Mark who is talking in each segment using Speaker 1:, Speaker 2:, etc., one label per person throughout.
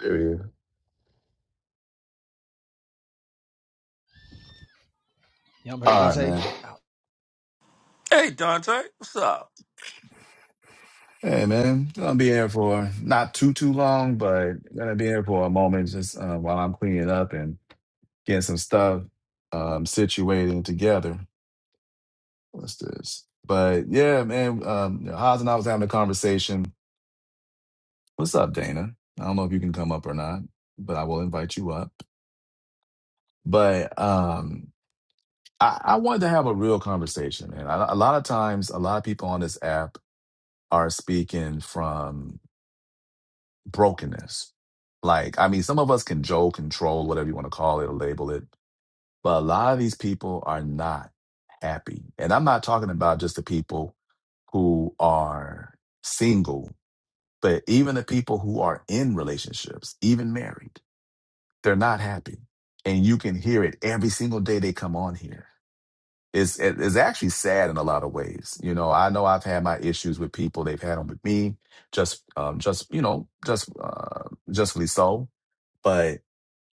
Speaker 1: There
Speaker 2: Y'all heard
Speaker 1: All right,
Speaker 2: Dante?
Speaker 1: man.
Speaker 3: Hey, Dante, what's up?
Speaker 1: Hey, man. gonna be here for not too too long, but gonna be here for a moment just uh, while I'm cleaning up and getting some stuff um, situating together. What's this? But yeah, man. Um, Haas and I was having a conversation. What's up, Dana? I don't know if you can come up or not, but I will invite you up. But um, I, I wanted to have a real conversation, man. A a lot of times, a lot of people on this app are speaking from brokenness. Like, I mean, some of us can joke, control, whatever you want to call it or label it, but a lot of these people are not happy. And I'm not talking about just the people who are single, but even the people who are in relationships, even married, they're not happy. And you can hear it every single day they come on here. It's, it- it's actually sad in a lot of ways. You know, I know I've had my issues with people. They've had them with me just, um, just, you know, just, uh, justly so but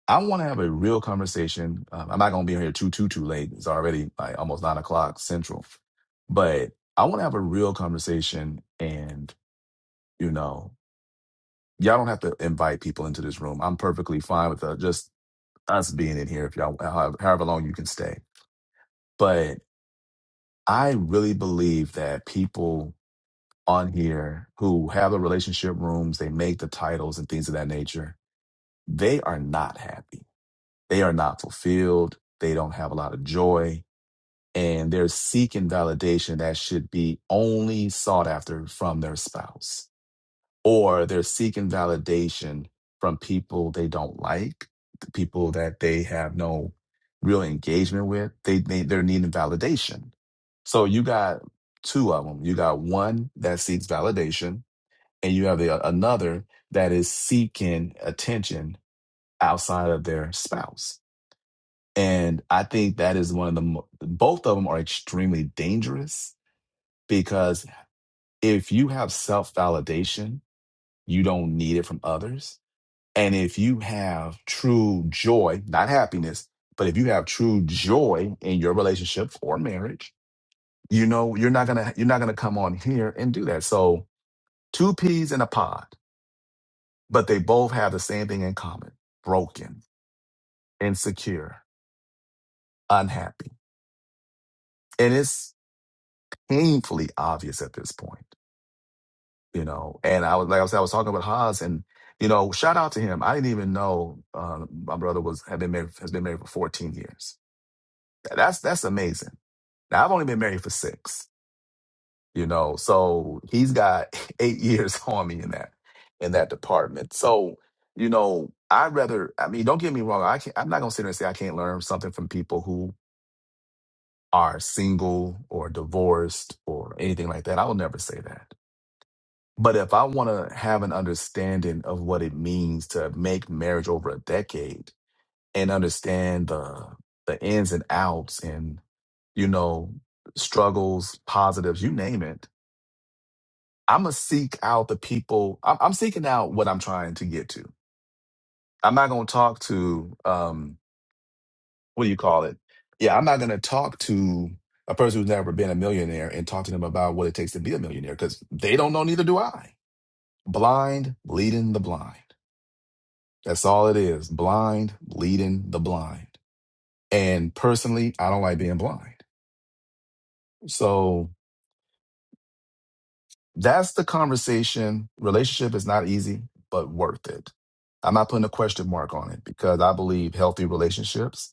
Speaker 1: I want to have a real conversation. Um, I'm not going to be here too, too, too late. It's already like almost nine o'clock central, but I want to have a real conversation. And you know, y'all don't have to invite people into this room. I'm perfectly fine with uh, just us being in here if y'all uh, however, however long you can stay. But I really believe that people on here who have the relationship rooms, they make the titles and things of that nature. They are not happy They are not fulfilled. They don't have a lot of joy. And they're seeking validation that should be only sought after from their spouse. Or they're seeking validation from people they don't like, the people that they have no real engagement with. They, they they're needing validation. So you got two of them. You got one that seeks validation, and you have the, another that is seeking attention outside of their spouse. And I think that is one of the, mo- both of them are extremely dangerous because if you have self validation, you don't need it from others. And if you have true joy, not happiness, but if you have true joy in your relationship or marriage, you know, you're not going to, you're not going to come on here and do that. So two peas in a pod, but they both have the same thing in common, broken, insecure, unhappy. And it's painfully obvious at this point you know. And I was like I said, I was talking about Haas, and you know, shout out to him. I didn't even know uh, my brother was had been married has been married for 14 years. That's that's amazing. Now I've only been married for six, you know, so he's got eight years on me in that in that department. So you know, I'd rather. I mean, don't get me wrong. I can't. I'm not gonna sit there and say I can't learn something from people who are single or divorced or anything like that. I will never say that But if I want to have an understanding of what it means to make marriage over a decade and understand the the ins and outs and you know struggles, positives, you name it, I'm gonna seek out the people. I'm, I'm seeking out what I'm trying to get to. I'm not gonna talk to um what do you call it? Yeah, I'm not gonna talk to a person who's never been a millionaire and talk to them about what it takes to be a millionaire because they don't know. Neither do I. Blind leading the blind. That's all it is. Blind leading the blind. And personally, I don't like being blind. So that's the conversation. Relationship is not easy, but worth it. I'm not putting a question mark on it because I believe healthy relationships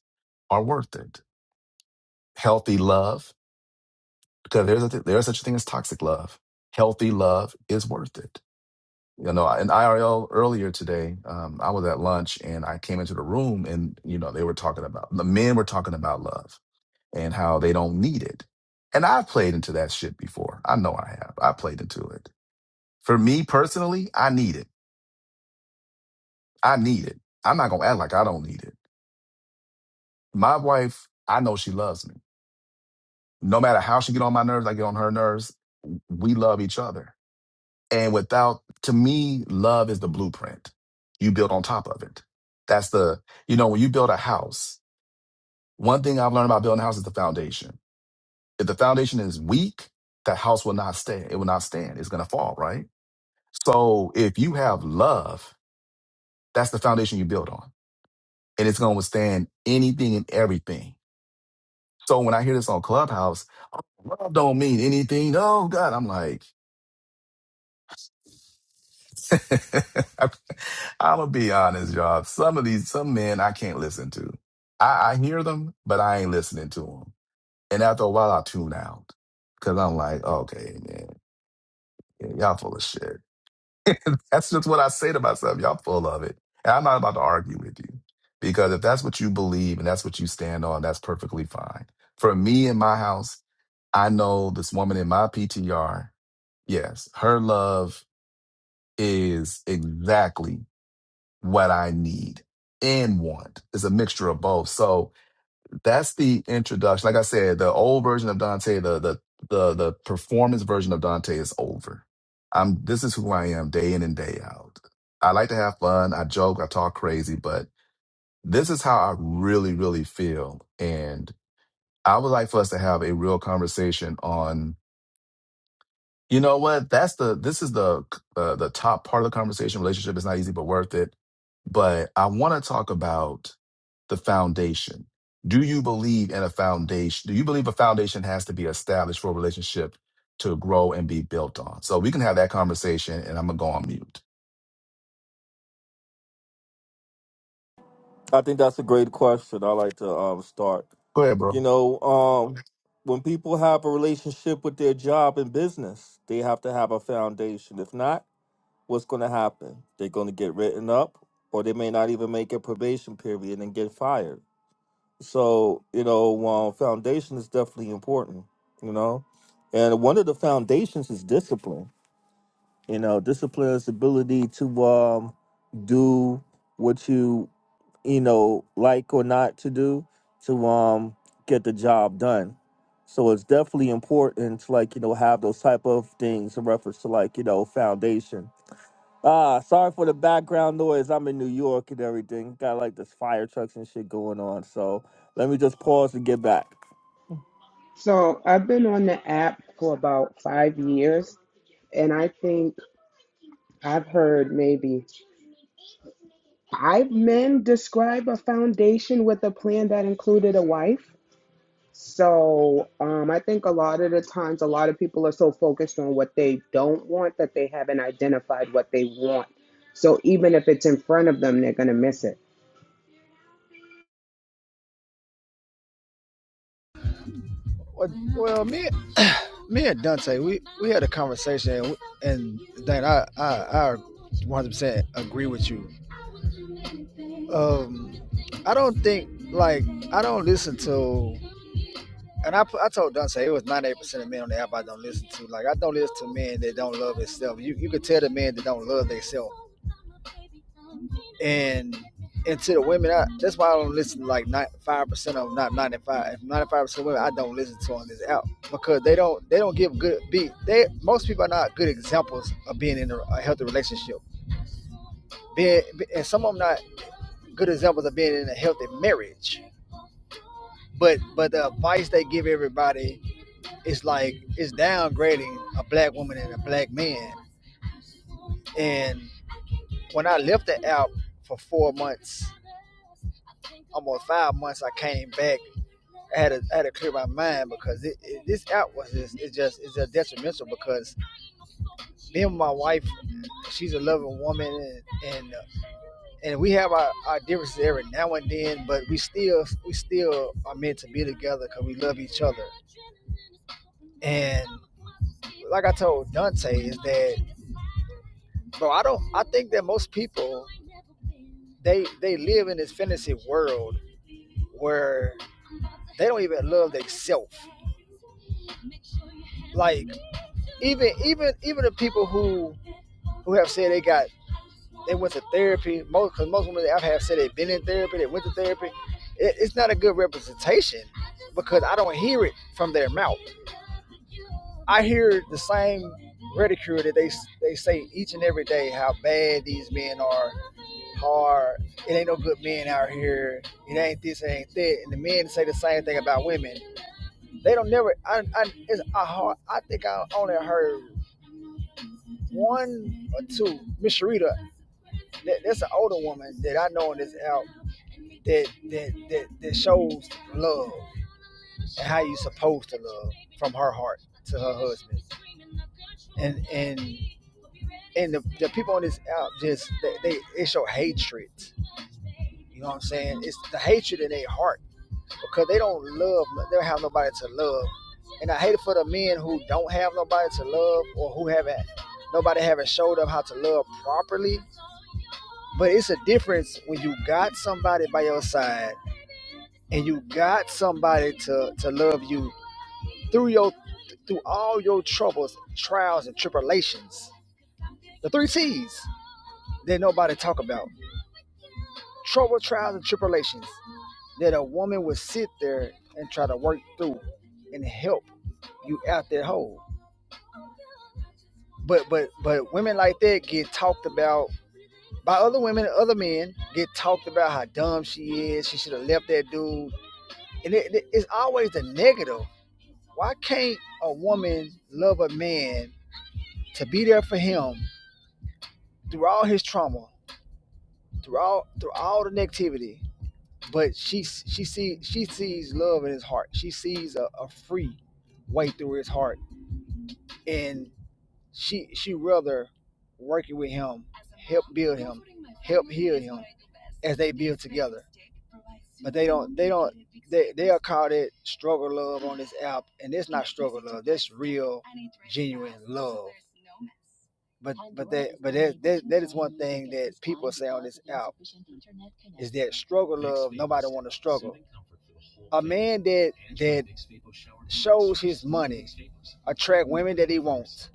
Speaker 1: are worth it. Healthy love, because there's a th- there's such a thing as toxic love. Healthy love is worth it. You know, in IRL earlier today, um, I was at lunch and I came into the room and you know they were talking about the men were talking about love and how they don't need it. And I've played into that shit before. I know I have. I played into it. For me personally, I need it. I need it. I'm not gonna act like I don't need it. My wife, I know she loves me. No matter how she get on my nerves, I get on her nerves. We love each other. And without, to me, love is the blueprint. You build on top of it. That's the, you know, when you build a house, one thing I've learned about building a house is the foundation. If the foundation is weak, that house will not stay. It will not stand. It's gonna fall, right? So if you have love, that's the foundation you build on. And it's gonna withstand anything and everything. So when I hear this on Clubhouse, love don't mean anything. Oh God, I'm like, I'm gonna be honest, y'all. Some of these, some men I can't listen to. I, I hear them, but I ain't listening to them. And after a while, I tune out because I'm like, okay, man, y'all full of shit. that's just what I say to myself. Y'all full of it. And I'm not about to argue with you because if that's what you believe and that's what you stand on, that's perfectly fine. For me in my house, I know this woman in my PTR. Yes, her love is exactly what I need and want. It's a mixture of both. So, that's the introduction. Like I said, the old version of Dante, the the the the performance version of Dante is over. I'm this is who I am day in and day out. I like to have fun. I joke, I talk crazy, but this is how I really, really feel. And I would like for us to have a real conversation on you know what? That's the this is the uh, the top part of the conversation. Relationship is not easy, but worth it. But I want to talk about the foundation. Do you believe in a foundation? Do you believe a foundation has to be established for a relationship to grow and be built on? So we can have that conversation, and I'm gonna go on mute.
Speaker 3: I think that's a great question. I like to um, start.
Speaker 1: Go ahead,
Speaker 3: You
Speaker 1: bro.
Speaker 3: know, um, when people have a relationship with their job and business, they have to have a foundation. If not, what's going to happen? They're going to get written up, or they may not even make a probation period and get fired. So, you know, um, foundation is definitely important. You know, and one of the foundations is discipline. You know, discipline is ability to um, do what you you know, like or not to do to um get the job done. So it's definitely important to like, you know, have those type of things in reference to like, you know, foundation. Ah, sorry for the background noise. I'm in New York and everything. Got like this fire trucks and shit going on. So let me just pause and get back.
Speaker 4: So I've been on the app for about five years, and I think I've heard maybe five men describe a foundation with a plan that included a wife. So um, I think a lot of the times, a lot of people are so focused on what they don't want that they haven't identified what they want. So even if it's in front of them, they're going to miss it.
Speaker 2: Well, well, me, me and Dante, we, we had a conversation, and, we- and Dane, I, I, I 100% agree with you. Um, I don't think, like, I don't listen to, and I, I told Dante, it was 98% of men on the app I don't listen to. Like, I don't listen to men that don't love themselves. You, you can tell the men that don't love themselves and and to the women, I, that's why I don't listen to like five percent of them. not ninety-five. ninety-five percent of women I don't listen to on this app because they don't they don't give good be they most people are not good examples of being in a, a healthy relationship, being and some of them not good examples of being in a healthy marriage. But but the advice they give everybody is like it's downgrading a black woman and a black man. And when I left the app for four months, almost five months, I came back I had to, I had to clear my mind because it, it, this out was just it's just it's just detrimental because me and my wife, she's a loving woman and and, uh, and we have our, our differences every now and then, but we still we still are meant to be together because we love each other. And like I told Dante, is that bro? I don't. I think that most people they they live in this fantasy world where they don't even love themselves. Like even even even the people who who have said they got they went to therapy. Most because most women I've had said they've been in therapy, they went to therapy. It, it's not a good representation because I don't hear it from their mouth. I hear the same ridicule that they they say each and every day how bad these men are, hard. It ain't no good men out here. It ain't this, it ain't that. And the men say the same thing about women. They don't never. I I it's, I, hard, I think I only heard one or two. Miss Sharita, that, that's an older woman that I know in this out that that that that shows love and how you supposed to love from her heart to her husband. And and and the, the people on this app just they, they it show hatred. You know what I'm saying? It's the hatred in their heart because they don't love. They don't have nobody to love. And I hate it for the men who don't have nobody to love or who haven't nobody haven't showed them how to love properly. But it's a difference when you got somebody by your side and you got somebody to to love you through your through all your troubles, trials, and tribulations. The three T's that nobody talk about. Trouble, trials, and tribulations that a woman would sit there and try to work through and help you out that hole. But but but women like that get talked about by other women, other men get talked about how dumb she is. She should have left that dude. And it, it- it's always the negative. Why can't a woman love a man to be there for him through all his trauma through all through all the negativity, but she she sees she sees love in his heart. She sees a, a free way through his heart, and she she rather working with him, help build him, help heal him, as they build together. But they don't they don't they they are called it struggle love on this app, and it's not struggle love. That's real, genuine love. But but that but that, that that is one thing that people say on this app is that struggle love. Nobody want to struggle. A man that that shows his money attract women that he wants.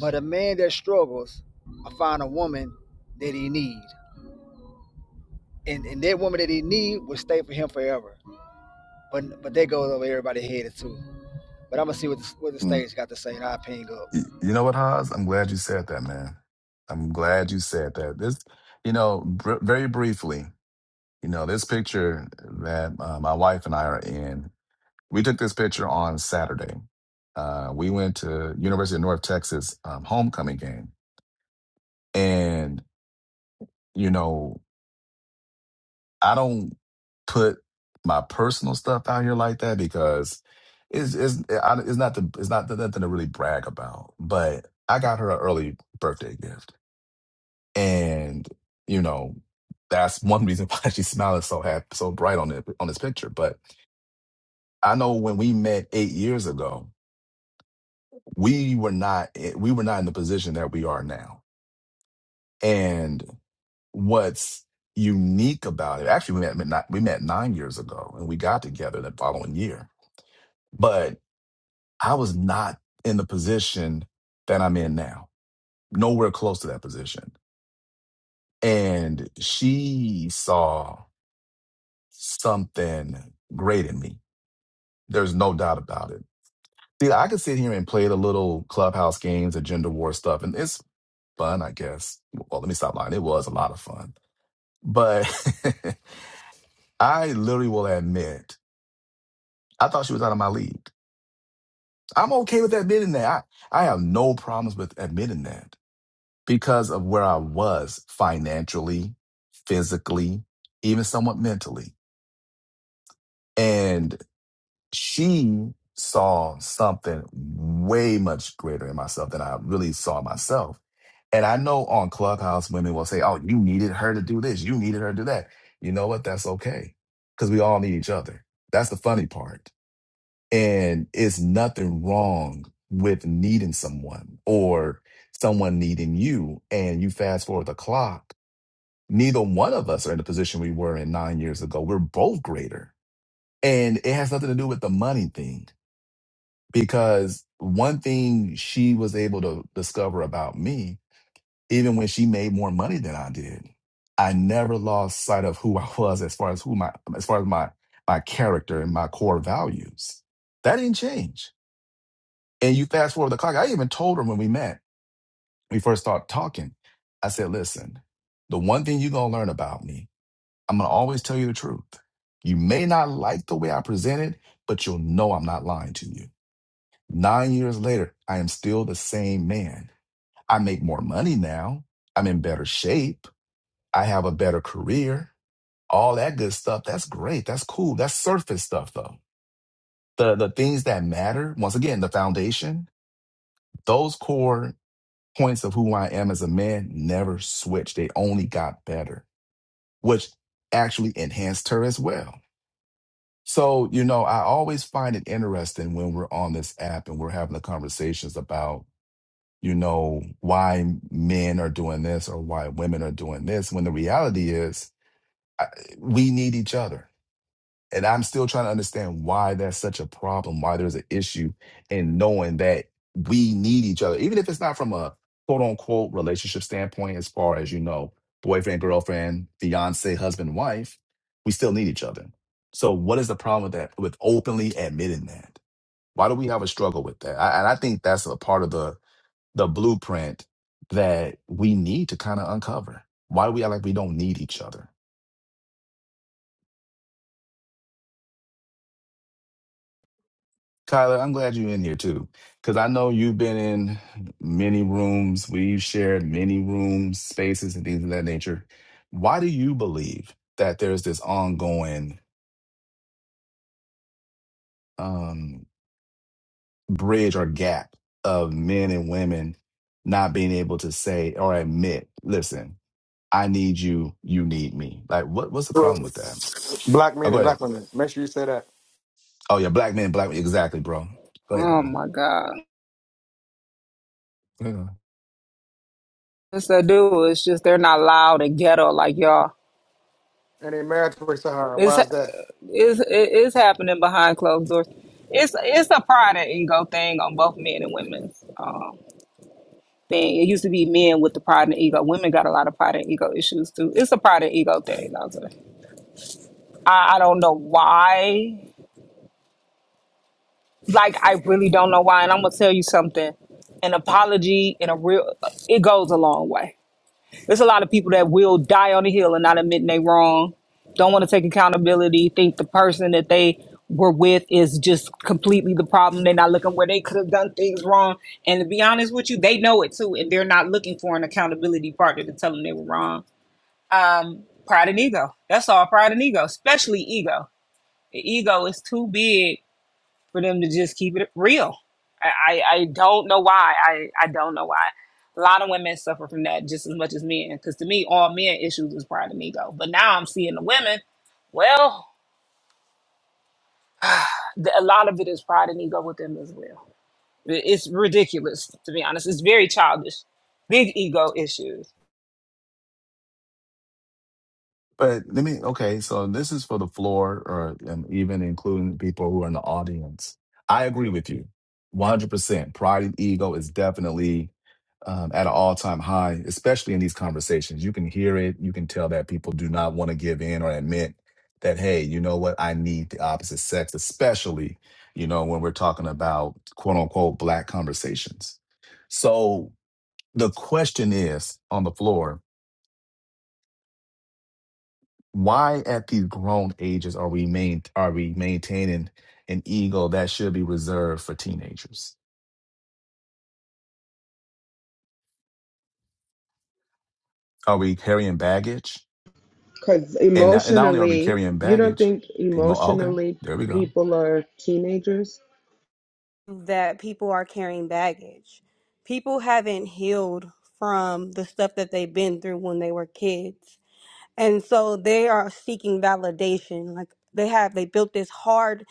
Speaker 2: But a man that struggles, I find a woman that he need. And, and that woman that he need will stay for him forever. But but that goes over everybody's head too. But I'm gonna see what the, what the
Speaker 1: Mm,
Speaker 2: stage got to say, and I'll ping up.
Speaker 1: y- You know what, Haas? I'm glad you said that, man. I'm glad you said that. This, you know, br- very briefly, you know, this picture that uh, my wife and I are in. We took this picture on Saturday. Uh, we went to University of North Texas um, homecoming game, and you know, I don't put my personal stuff out here like that because it's it's I- it's not the it's not nothing to really brag about. But I got her an early birthday gift, and you know, that's one reason why she's smiling so happy, so bright on it on this picture. But I know when we met eight years ago. we were not we were not in the position that we are now. And what's unique about it, actually, we met met- we met nine years ago, and we got together the following year. But I was not in the position that I'm in now, nowhere close to that position. And she saw something great in me. There's no doubt about it. See, I could sit here and play the little clubhouse games, agenda war stuff, and it's fun, I guess. Well, let me stop lying. It was a lot of fun. But I literally will admit, I thought she was out of my league. I'm okay with admitting that. I, I have no problems with admitting that because of where I was financially, physically, even somewhat mentally. and. she saw something way much greater in myself than I really saw myself. And I know on Clubhouse, women will say, Oh, you needed her to do this. You needed her to do that. You know what? That's okay. Because we all need each other. That's the funny part. And it's nothing wrong with needing someone or someone needing you. And you fast forward the clock. Neither one of us are in the position we were in nine years ago. We're both greater. And it has nothing to do with the money thing because one thing she was able to discover about me, even when she made more money than I did, I never lost sight of who I was as far as who my as far as my my character and my core values. That didn't change. And you fast forward the clock. I even told her when we met, we first started talking. I said, "Listen, the one thing you're gonna learn about me, I'm gonna always tell you the truth. You may not like the way I present it, but you'll know I'm not lying to you." Nine years later, I am still the same man. I make more money now. I'm in better shape. I have a better career. All that good stuff. That's great. That's cool. That's surface stuff though. The the things that matter, once again, the foundation, those core points of who I am as a man never switched. They only got better, which actually enhanced her as well. So, you know, I always find it interesting when we're on this app and we're having the conversations about you know, why men are doing this or why women are doing this, when the reality is I, we need each other. And I'm still trying to understand why that's such a problem, why there's an issue in knowing that we need each other, even if it's not from a quote unquote relationship standpoint, as far as, you know, boyfriend, girlfriend, fiance, husband, wife, we still need each other. So what is the problem with that, with openly admitting that? Why do we have a struggle with that? I, and I think that's a part of the the blueprint that we need to kind of uncover. Why we act like we don't need each other. Kyler, I'm glad you're in here too, because I know you've been in many rooms. We've shared many rooms, spaces, and things of that nature. Why do you believe that there's this ongoing um, bridge or gap of men and women not being able to say or admit, listen, I need you, you need me? Like, what, what's the
Speaker 5: for
Speaker 1: problem with that?
Speaker 5: black
Speaker 1: Oh,
Speaker 5: men
Speaker 1: go
Speaker 5: and
Speaker 1: ahead.
Speaker 5: black women. Make sure you say that.
Speaker 1: Oh yeah, black men, black men. Exactly, bro. Go ahead,
Speaker 6: Oh
Speaker 1: Kyle.
Speaker 6: my God.
Speaker 1: Yeah.
Speaker 6: It's that dude. It's just they're not loud and ghetto like y'all.
Speaker 5: And then marriage to the heart.
Speaker 6: It's
Speaker 5: Why is that?
Speaker 6: it's it is happening behind closed doors. It's it's a pride and ego thing on both men and women's um, thing. It used to be men with the pride and ego. Women got a lot of pride and ego issues too. It's a pride and ego thing. I'll say. I I don't know why. Like I really don't know why. And I'm gonna tell you something. An apology and a real it goes a long way There's a lot of people that will die on the hill and not admit they wrong, don't want to take accountability, think the person that they were with is just completely the problem. They're not looking where they could have done things wrong. And to be honest with you, they know it too, and they're not looking for an accountability partner to tell them they were wrong. Um, pride and ego. That's all pride and ego, especially ego. The ego is too big for them to just keep it real. I, I, I don't know why. I, I don't know why. A lot of women suffer from that just as much as men. Because to me, all men issues is pride and ego. But now I'm seeing the women. Well, the, a lot of it is pride and ego with them as well. It- It's ridiculous, to be honest. It's very childish. Big ego issues.
Speaker 1: But let me. Okay, so this is for the floor, or um, even including people who are in the audience. I agree with you, one hundred percent. Pride and ego is definitely um, at an all-time high, especially in these conversations. You can hear it. You can tell that people do not want to give in or admit that. Hey, you know what? I need the opposite sex, especially you know when we're talking about quote unquote black conversations. So The question is on the floor: Why, at these grown ages, are we main are we maintaining an ego that should be reserved for teenagers? Are we carrying baggage?
Speaker 4: Because
Speaker 1: And not, and not only are we
Speaker 4: emotionally,
Speaker 1: carrying
Speaker 4: you don't
Speaker 1: baggage,
Speaker 4: think
Speaker 1: emo- okay,
Speaker 4: emotionally
Speaker 1: there we go.
Speaker 4: people are teenagers?
Speaker 7: that people are carrying baggage. People haven't healed from the stuff that they've been through when they were kids. And so they are seeking validation. Like they have, they built this hard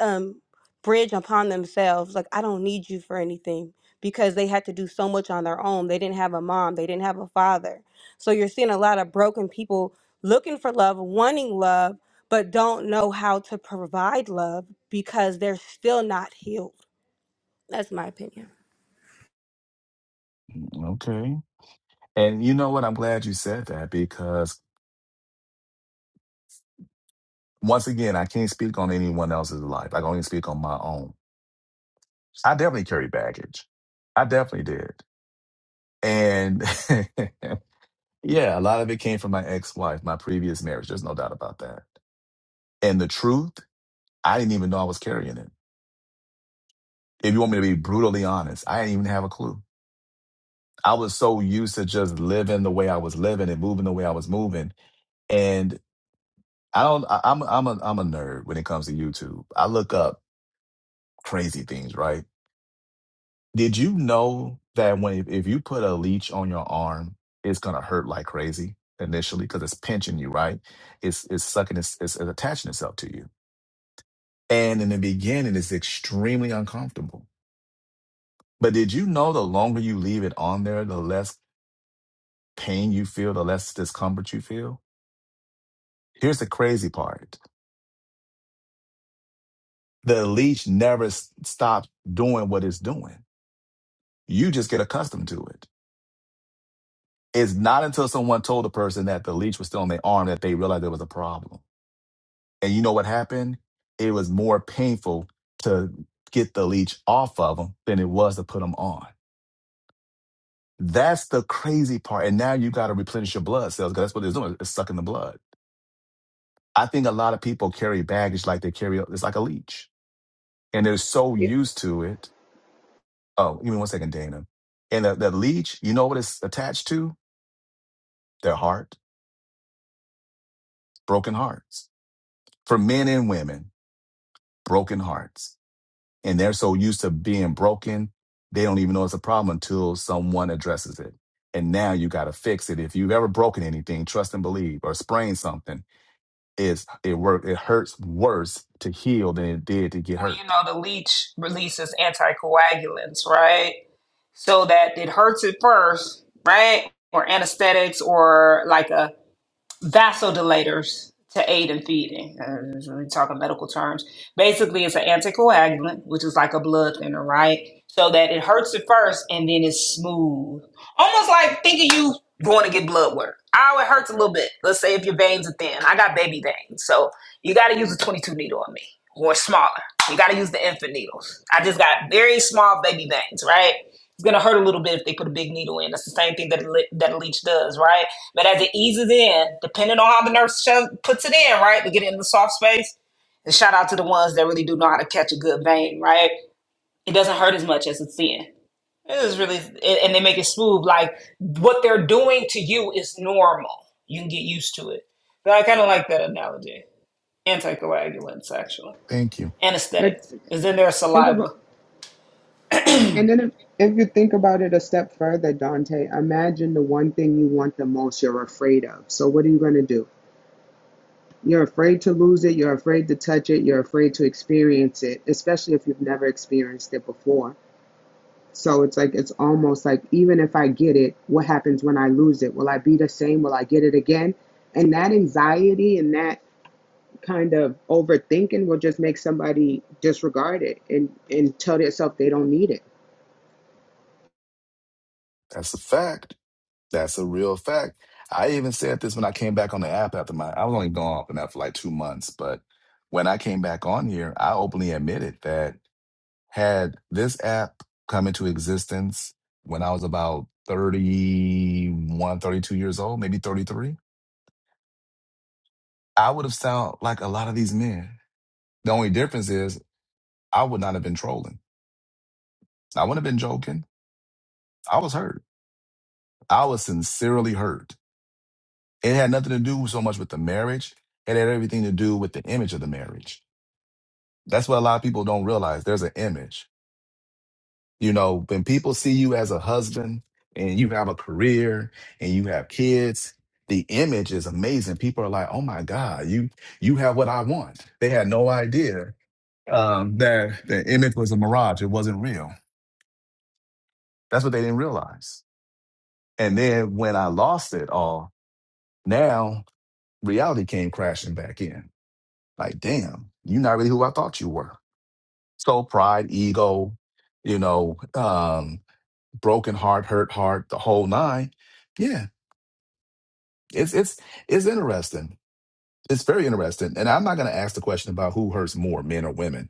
Speaker 7: um, bridge upon themselves. Like, I don't need you for anything because they had to do so much on their own. They didn't have a mom, they didn't have a father. So you're seeing a lot of broken people looking for love, wanting love, but don't know how to provide love because they're still not healed that's my opinion.
Speaker 1: Mm, Okay, and you know what? I'm glad you said that because once again, I can't speak on anyone else's life. I can only speak on my own. I definitely carry baggage. I definitely did, and. Yeah, a lot of it came from my ex-wife, my previous marriage. There's no doubt about that. And the truth, I didn't even know I was carrying it. If you want me to be brutally honest, I didn't even have a clue. I was so used to just living the way I was living and moving the way I was moving. And I don't I, I'm I'm a I'm a nerd when it comes to YouTube. I look up crazy things, right? Did you know that when if, if you put a leech on your arm, it's gonna hurt like crazy initially because it's pinching you, right? It's it's sucking it's, it's attaching itself to you And in the beginning, it's extremely uncomfortable. But did you know the longer you leave it on there, the less pain you feel, the less discomfort you feel? Here's the crazy part the leech never s- stops doing what it's doing. You just get accustomed to it. It's not until someone told the person that the leech was still on their arm that they realized there was a problem. And you know what happened? It was more painful to get the leech off of them than it was to put them on. That's the crazy part. And now you got to replenish your blood cells because that's what it's doing. It's sucking the blood. I think a lot of people carry baggage like they carry, it's like a leech. And they're so
Speaker 4: Yeah.
Speaker 1: used to it. Oh, give me one second, Dana. And the, the leech, you know what it's attached to? Their heart, broken hearts. For men and women, broken hearts. And they're so used to being broken, they don't even know it's a problem until someone addresses it. And now you got to fix it. If you've ever broken anything, trust and believe, or sprained something, It's it work it hurts worse to heal than it did to get
Speaker 6: Well, you
Speaker 1: hurt.
Speaker 6: know, the leech releases anticoagulants, right? so that it hurts at first, right? Or anesthetics or like a vasodilators to aid in feeding. Uh, is really talking medical terms. Basically, it's an anticoagulant, which is like a blood thinner, right? So that it hurts at first and then it's smooth. Almost like thinking you going to get blood work. Oh, it hurts a little bit. Let's say if your veins are thin. I got baby veins. So you got to use a 22 needle on me or smaller. You got to use the infant needles. I just got very small baby veins, right? It's gonna hurt a little bit if they put a big needle in. That's the same thing that a, that a leech does, right? But as it eases in, depending on how the nurse sho- puts it in, right, to get it in the soft space. And shout out to the ones that really do know how to catch a good vein, right? It doesn't hurt as much as it's in. It is really, and and they make it smooth. Like what they're doing to you is normal. You can get used to it. But I kind of like that analogy. Anticoagulants, actually.
Speaker 1: Thank you.
Speaker 4: Like,
Speaker 6: Anesthetics is in their
Speaker 4: think about
Speaker 6: saliva.
Speaker 4: And then if, if you think about it a step further, Dante, imagine the one thing you want the most you're afraid of. So what are you going to do? You're afraid to lose it, you're afraid to touch it, you're afraid to experience it, especially if you've never experienced it before. So it's like it's almost like even if I get it, what happens when I lose it? Will I be the same? Will I get it again? And that anxiety and that kind of overthinking will just make somebody disregard it and, and tell themselves they don't need it.
Speaker 1: That's a fact. That's a real fact. I even said this when I came back on the app after my I was only gone off and out for like two months, but when I came back on here, I openly admitted that had this app come into existence when I was about 31, 32 years old, maybe 33, I would have sound like a lot of these men. The only difference is I would not have been trolling. I wouldn't have been joking. I was hurt. I was sincerely hurt. It had nothing to do so much with the marriage. It had everything to do with the image of the marriage. That's what a lot of people don't realize. There's an image. You know, when people see you as a husband and you have a career and you have kids, the image is amazing. People are like, "Oh my God, you you have what I want." They had no idea um, that the image was a mirage. It wasn't real. That's what they didn't realize. And then when I lost it all, now reality came crashing back in Like, damn, you're not really who I thought you were. So pride, ego, you know, um, broken heart, hurt heart, the whole nine. Yeah, it's it's it's interesting. It's very interesting. And I'm not gonna ask the question about who hurts more, men or women.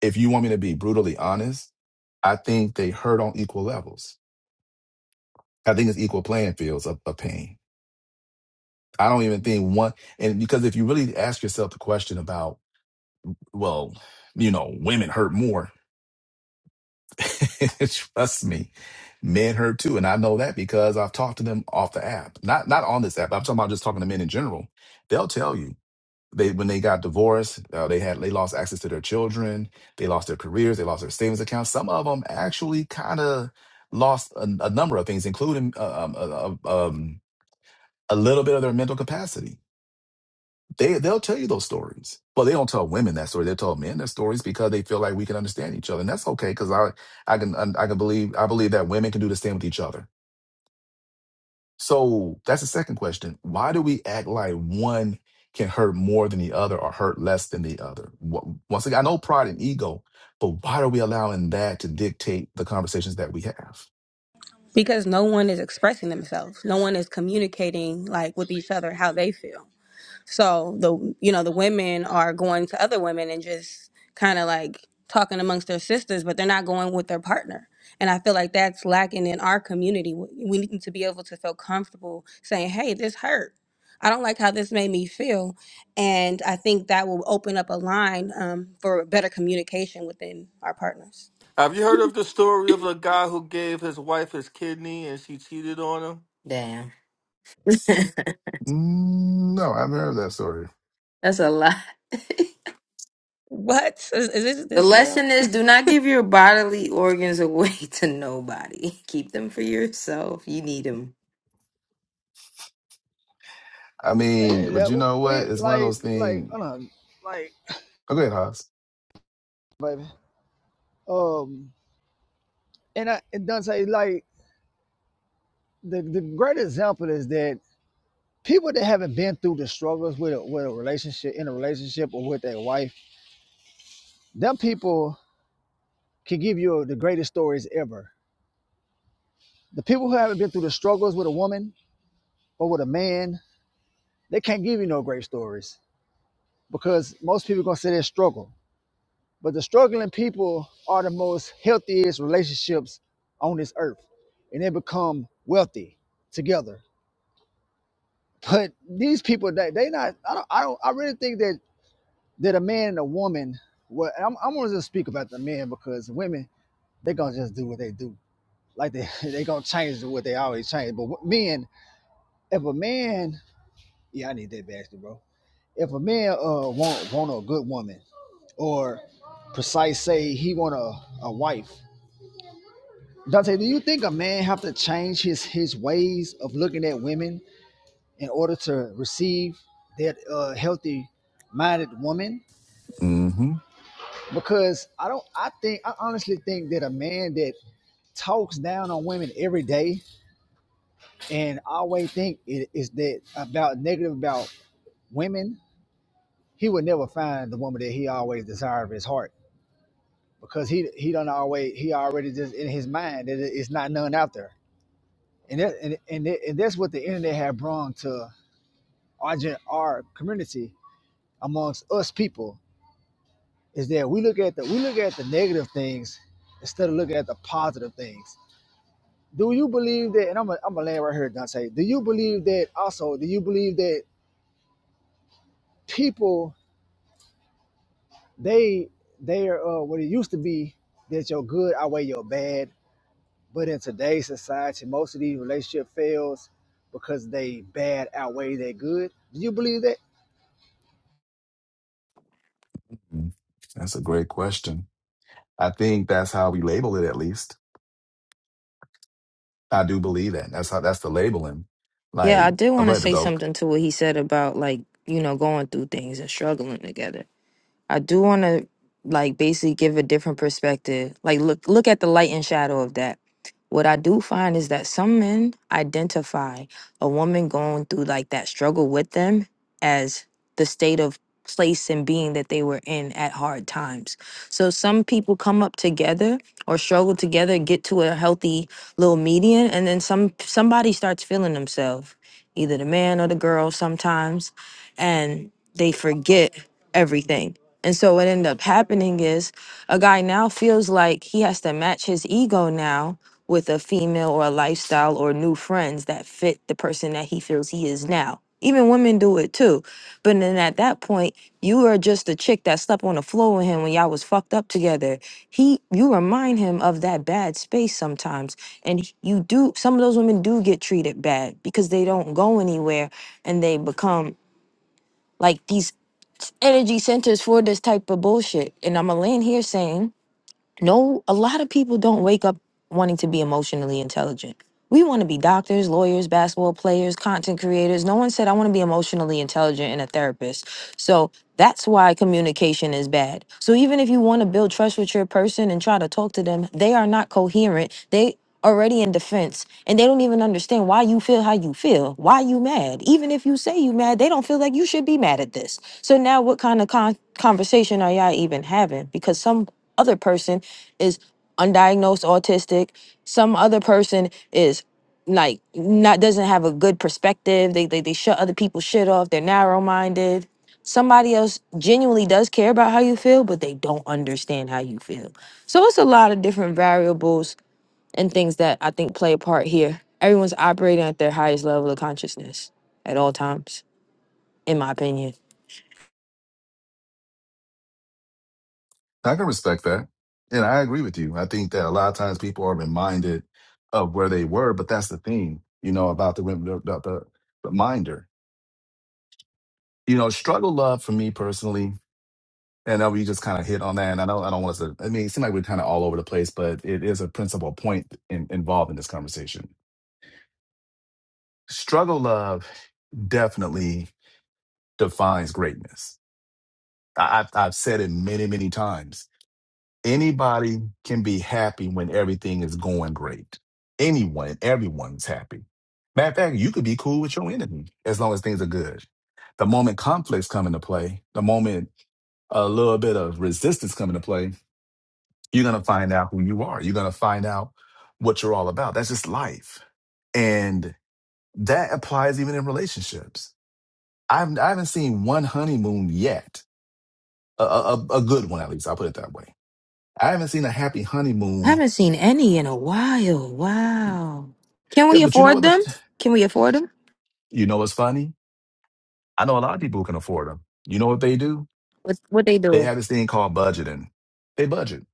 Speaker 1: If you want me to be brutally honest, I think they hurt on equal levels. I think it's equal playing fields of, of pain. I don't even think one, and because if you really ask yourself the question about, well, you know, women hurt more, Trust me, men hurt too, and I know that because I've talked to them off the app. Not not on this app. I'm talking about just talking to men in general. They'll tell you they when they got divorced, uh, they had they lost access to their children, they lost their careers, they lost their savings accounts. Some of them actually kind of lost a, a number of things, including uh, um, uh, um, um, a little bit of their mental capacity they they'll tell you those stories, but they don't tell women that story. They tell men their stories because they feel like we can understand each other, and that's okay. Because I I can I can believe I believe that women can do the same with each other. So that's the second question. Why do we act like one can hurt more than the other or hurt less than the other? Wh- Once again, I know pride and ego, but why are we allowing that to dictate the conversations that we have?
Speaker 7: because no one is expressing themselves no one is communicating like with each other how they feel so the you know the women are going to other women and just kind of like talking amongst their sisters but they're not going with their partner and i feel like that's lacking in our community we we need to be able to feel comfortable saying hey this hurt i don't like how this made me feel and i think that will open up a line um, for better communication within our partners
Speaker 3: Have you heard of the story of the guy who gave his wife his kidney and she cheated on him?
Speaker 8: Damn.
Speaker 1: Mm, no, I have heard that story.
Speaker 8: That's a lot. the
Speaker 7: what is, is this, this real
Speaker 8: lesson is do not give your bodily organs away to nobody. Keep them for yourself. You need them.
Speaker 1: I mean,
Speaker 2: Hey,
Speaker 1: but
Speaker 2: that-
Speaker 1: you know
Speaker 2: we
Speaker 1: what? It's one of
Speaker 2: like
Speaker 1: those
Speaker 2: like
Speaker 1: things.
Speaker 2: I don't know, like
Speaker 1: Oh, go ahead,
Speaker 2: baby. Um, and I and Dante like the the great example is that people that haven't been through the struggles with a, with a relationship in a relationship or with their wife, them people can give you the greatest stories ever The people who haven't been through the struggles with a woman or with a man, they can't give you no great stories because most people gonna say they struggle. But the struggling people are the most healthiest relationships on this earth, and they become wealthy together. But these people, they they not. I don't. I don't. I really think that that a man and a woman. Well, I'm, I'm gonna just speak about the men because women, they gonna just do what they do. Like they they gonna change what they always change. But w- men, if a man, yeah, I need that basket, bro if a man uh want want a good woman or precise say he want a, a wife dante do you think a man have to change his his ways of looking at women in order to receive that uh healthy minded woman
Speaker 1: Haas.
Speaker 2: because i don't i think i honestly think that a man that talks down on women every day and always think it is that about negative about women he would never find the woman that he always desired of his heart because he he don't always he already just in his mind that it- it's not none out there, and that, and and, that, and that's what the internet have brought to our gen- our community amongst us people is that we look at the we look at the negative things instead of looking at the positive things. Do you believe that? And I'm a, I'm gonna land right here, Dante. Do you believe that? Also, do you believe that people they they are uh, what it used to be that your good outweigh your bad? But in today's society, most of these relationship fails because they bad outweigh their good. Do you believe that,
Speaker 1: Mm, That's a great question. I think that's how we label it, at least. I do believe that. That's how that's the labeling.
Speaker 8: Yeah, I
Speaker 1: Like,
Speaker 8: did
Speaker 1: I'll
Speaker 8: want
Speaker 1: go
Speaker 8: to
Speaker 1: ahead to
Speaker 8: say
Speaker 1: go.
Speaker 8: something to what he said about like, you know, going through things and struggling together. I do want to like basically give a different perspective. Like look look at the light and shadow of that. What I do find is that some men identify a woman going through like that struggle with them as the state of place and being that they were in at hard times. So some people come up together or struggle together, get to a healthy little median, and then some somebody starts feeling themselves, either the man or the girl sometimes, and they forget everything. And so what ended up happening is a guy now feels like he has to match his ego now with a female or a lifestyle or new friends that fit the person that he feels he is now. Even women do it too. But then at that point, you are just a chick that slept on the floor with him when y'all was fucked up together. He you remind him of that bad space sometimes. And he- you do some of those women do get treated bad because they don't go anywhere and they become like these energy centers for this type of bullshit. And I'm going to land here saying no a lot of people don't wake up wanting to be emotionally intelligent we want to be doctors lawyers basketball players content creators no one said i want to be emotionally intelligent and a therapist so that's why communication is bad so even if you want to build trust with your person and try to talk to them they are not coherent they already in defense and they don't even understand why you feel how you feel why you mad even if you say you mad they don't feel like you should be mad at this so now what kind of con- conversation are y'all even having because some other person is undiagnosed autistic some other person is like not doesn't have a good perspective they they, they shut other people's shit off they're narrow-minded somebody else genuinely does care about how you feel but they don't understand how you feel so it's a lot of different variables and things that i think play a part here everyone's operating at their highest level of consciousness at all times in my opinion
Speaker 1: I can respect that. And I agree with you. I think that a lot of times people are reminded of where they were, but that's the thing, you know, about the, rem- about the reminder. You know, struggle love for me personally, and I know we just kind of hit on that. And I don't, I don't want us to, I mean, it seems like we're kind of all over the place, but it is a principal point in, involved in this conversation. Struggle love definitely defines greatness. I, I've, I've said it many, many times. Anybody can be happy when everything is going great. Anyone, everyone's happy. Matter of fact, you could be cool with your enemy as long as things are good. The moment conflicts come into play, the moment a little bit of resistance come into play, you're going to find out who you are. You're going to find out what you're all about. That's just life. And that applies even in relationships. I've, I haven't seen one honeymoon yet a, a, a good one at least. I'll put it that way. I haven't seen a happy
Speaker 8: I
Speaker 1: honeymoon.
Speaker 8: haven't seen any in a while wow can
Speaker 1: Yeah,
Speaker 8: we
Speaker 1: but you know
Speaker 8: afford
Speaker 1: what?
Speaker 8: them
Speaker 1: But
Speaker 8: can we afford them
Speaker 1: you know what's funny? I know a lot of people who can afford them. You know what they do?
Speaker 8: What what they
Speaker 1: They
Speaker 8: doing?
Speaker 1: have this thing called budgeting. They budget.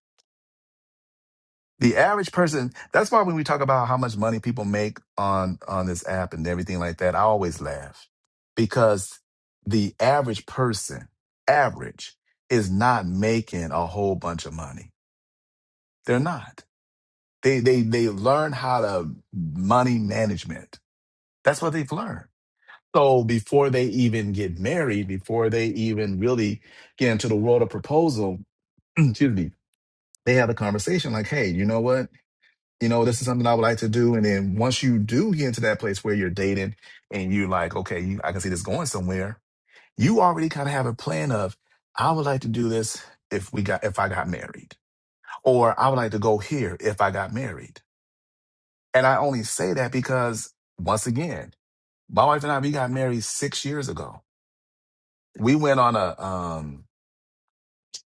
Speaker 1: The average person. That's why when we talk about how much money people make on on this app and everything like that, I always laugh because the average person, average, is not making a whole bunch of money. They're not. They they they learn how to money management That's what they've learned. So before they even get married, before they even really get into the world of proposal, excuse me, they have a conversation like, hey, you know what? You know, this is something I would like to do. And then once you do get into that place where you're dating and you're like, okay, you, I can see this going somewhere, you already kind of have a plan of, I would like to do this if we got if I got married. Or I would like to go here if I got married. And I only say that because once again, my wife and I, we got married six years ago we went on a um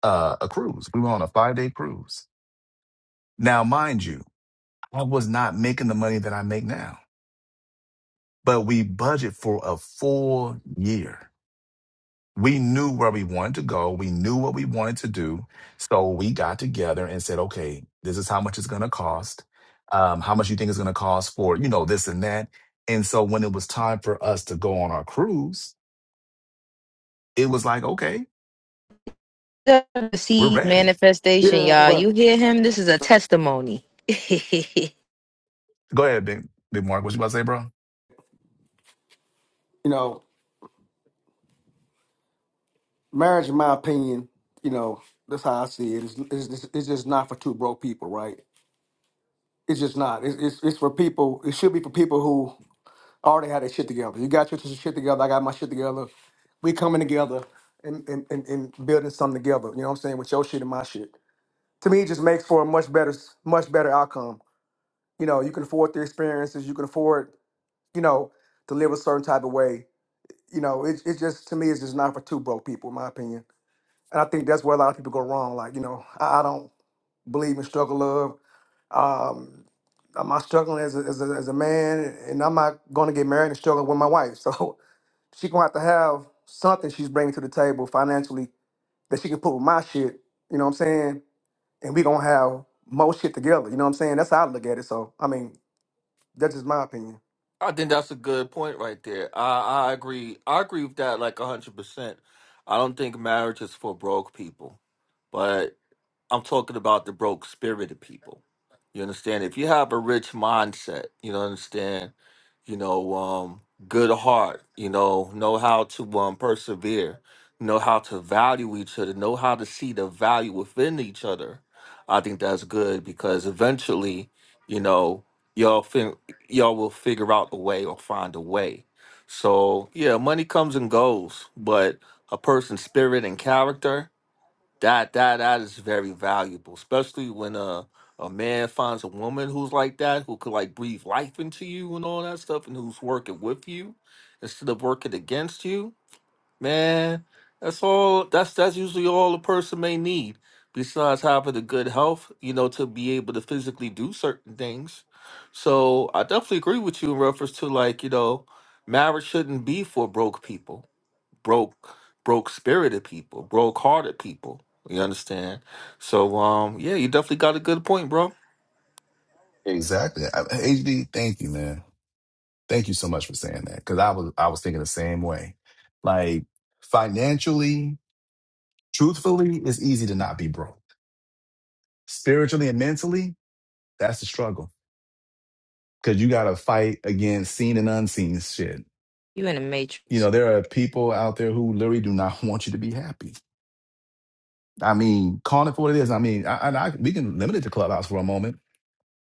Speaker 1: uh, a cruise. We went on a five day cruise. Now, mind you, I was not making the money that I make now, but we budget for a full year. We knew where we wanted to go. We knew what we wanted to do. So we got together and said, okay, this is how much it's going to cost. Um, how much you think it's going to cost for, you know, this and that. And so when it was time for us to go on our cruise, it was like, okay, we're
Speaker 8: See
Speaker 1: ready.
Speaker 8: manifestation,
Speaker 5: Yeah,
Speaker 8: y'all.
Speaker 5: but
Speaker 8: You hear him? This is a testimony. you
Speaker 1: Go ahead, big, big Mark. What you about to say, bro?
Speaker 5: you know, marriage, in my opinion, you know, that's how I see it. It's, it's, just- it's just not for two broke people, right? It's just not. It's, it's it's for people. It should be for people who already had their shit together. You got your shit together. I got my shit together. We coming together and and, and and building something together. You know what I'm saying? With your shit and my shit. To me, it just makes for a much better much better outcome. You know, you can afford the experiences. You can afford you know, to live a certain type of way. You know, it, it's just to me, it's just not for two broke people, in my opinion. And I think that's where a lot of people go wrong. Like, you know, I, I don't believe in struggle love. Um, I'm not struggling as a, as a, as a man, and I'm not going to get married and struggle with my wife. So she gonna have to have something she's bringing to the table financially that she can put with my shit. You know what I'm saying? And we gonna have most shit together. You know what I'm saying? That's how I look at it. So I mean, that's just my opinion.
Speaker 3: I think that's a good point right there. I I agree. I agree with that like a hundred percent. I don't think marriage is for broke people, but I'm talking about the broke spirited people. You understand? If you have a rich mindset, you know, understand, you know, um, good heart, you know, know how to um, persevere, know how to value each other, know how to see the value within each other. I think that's good because eventually, you know, y'all fin- y'all will figure out a way or find a way. So yeah, money comes and goes, but a person's spirit and character that that that is very valuable, especially when a a man finds a woman who's like that, who could like breathe life into you and all that stuff, and who's working with you instead of working against you. Man, that's all. That's that's usually all a person may need. Besides having the good health, you know, to be able to physically do certain things. So I definitely agree with you in reference to like you know, marriage shouldn't be for broke people broke broke spirited people, broke hearted people. You understand? So um yeah, you definitely got a good point, bro.
Speaker 1: Exactly. I- HD, thank you, man. Thank you so much for saying that. Cause I was I was thinking the same way. Like financially, truthfully, it's easy to not be broke. Spiritually and mentally, that's the struggle. Cause you gotta fight against seen and unseen shit.
Speaker 8: in the
Speaker 1: You
Speaker 8: matrix.
Speaker 1: know, there are people out there who literally do not want you to be happy. I mean, call it for what it is. I mean, I, I, I we can limit it to clubhouse for a moment,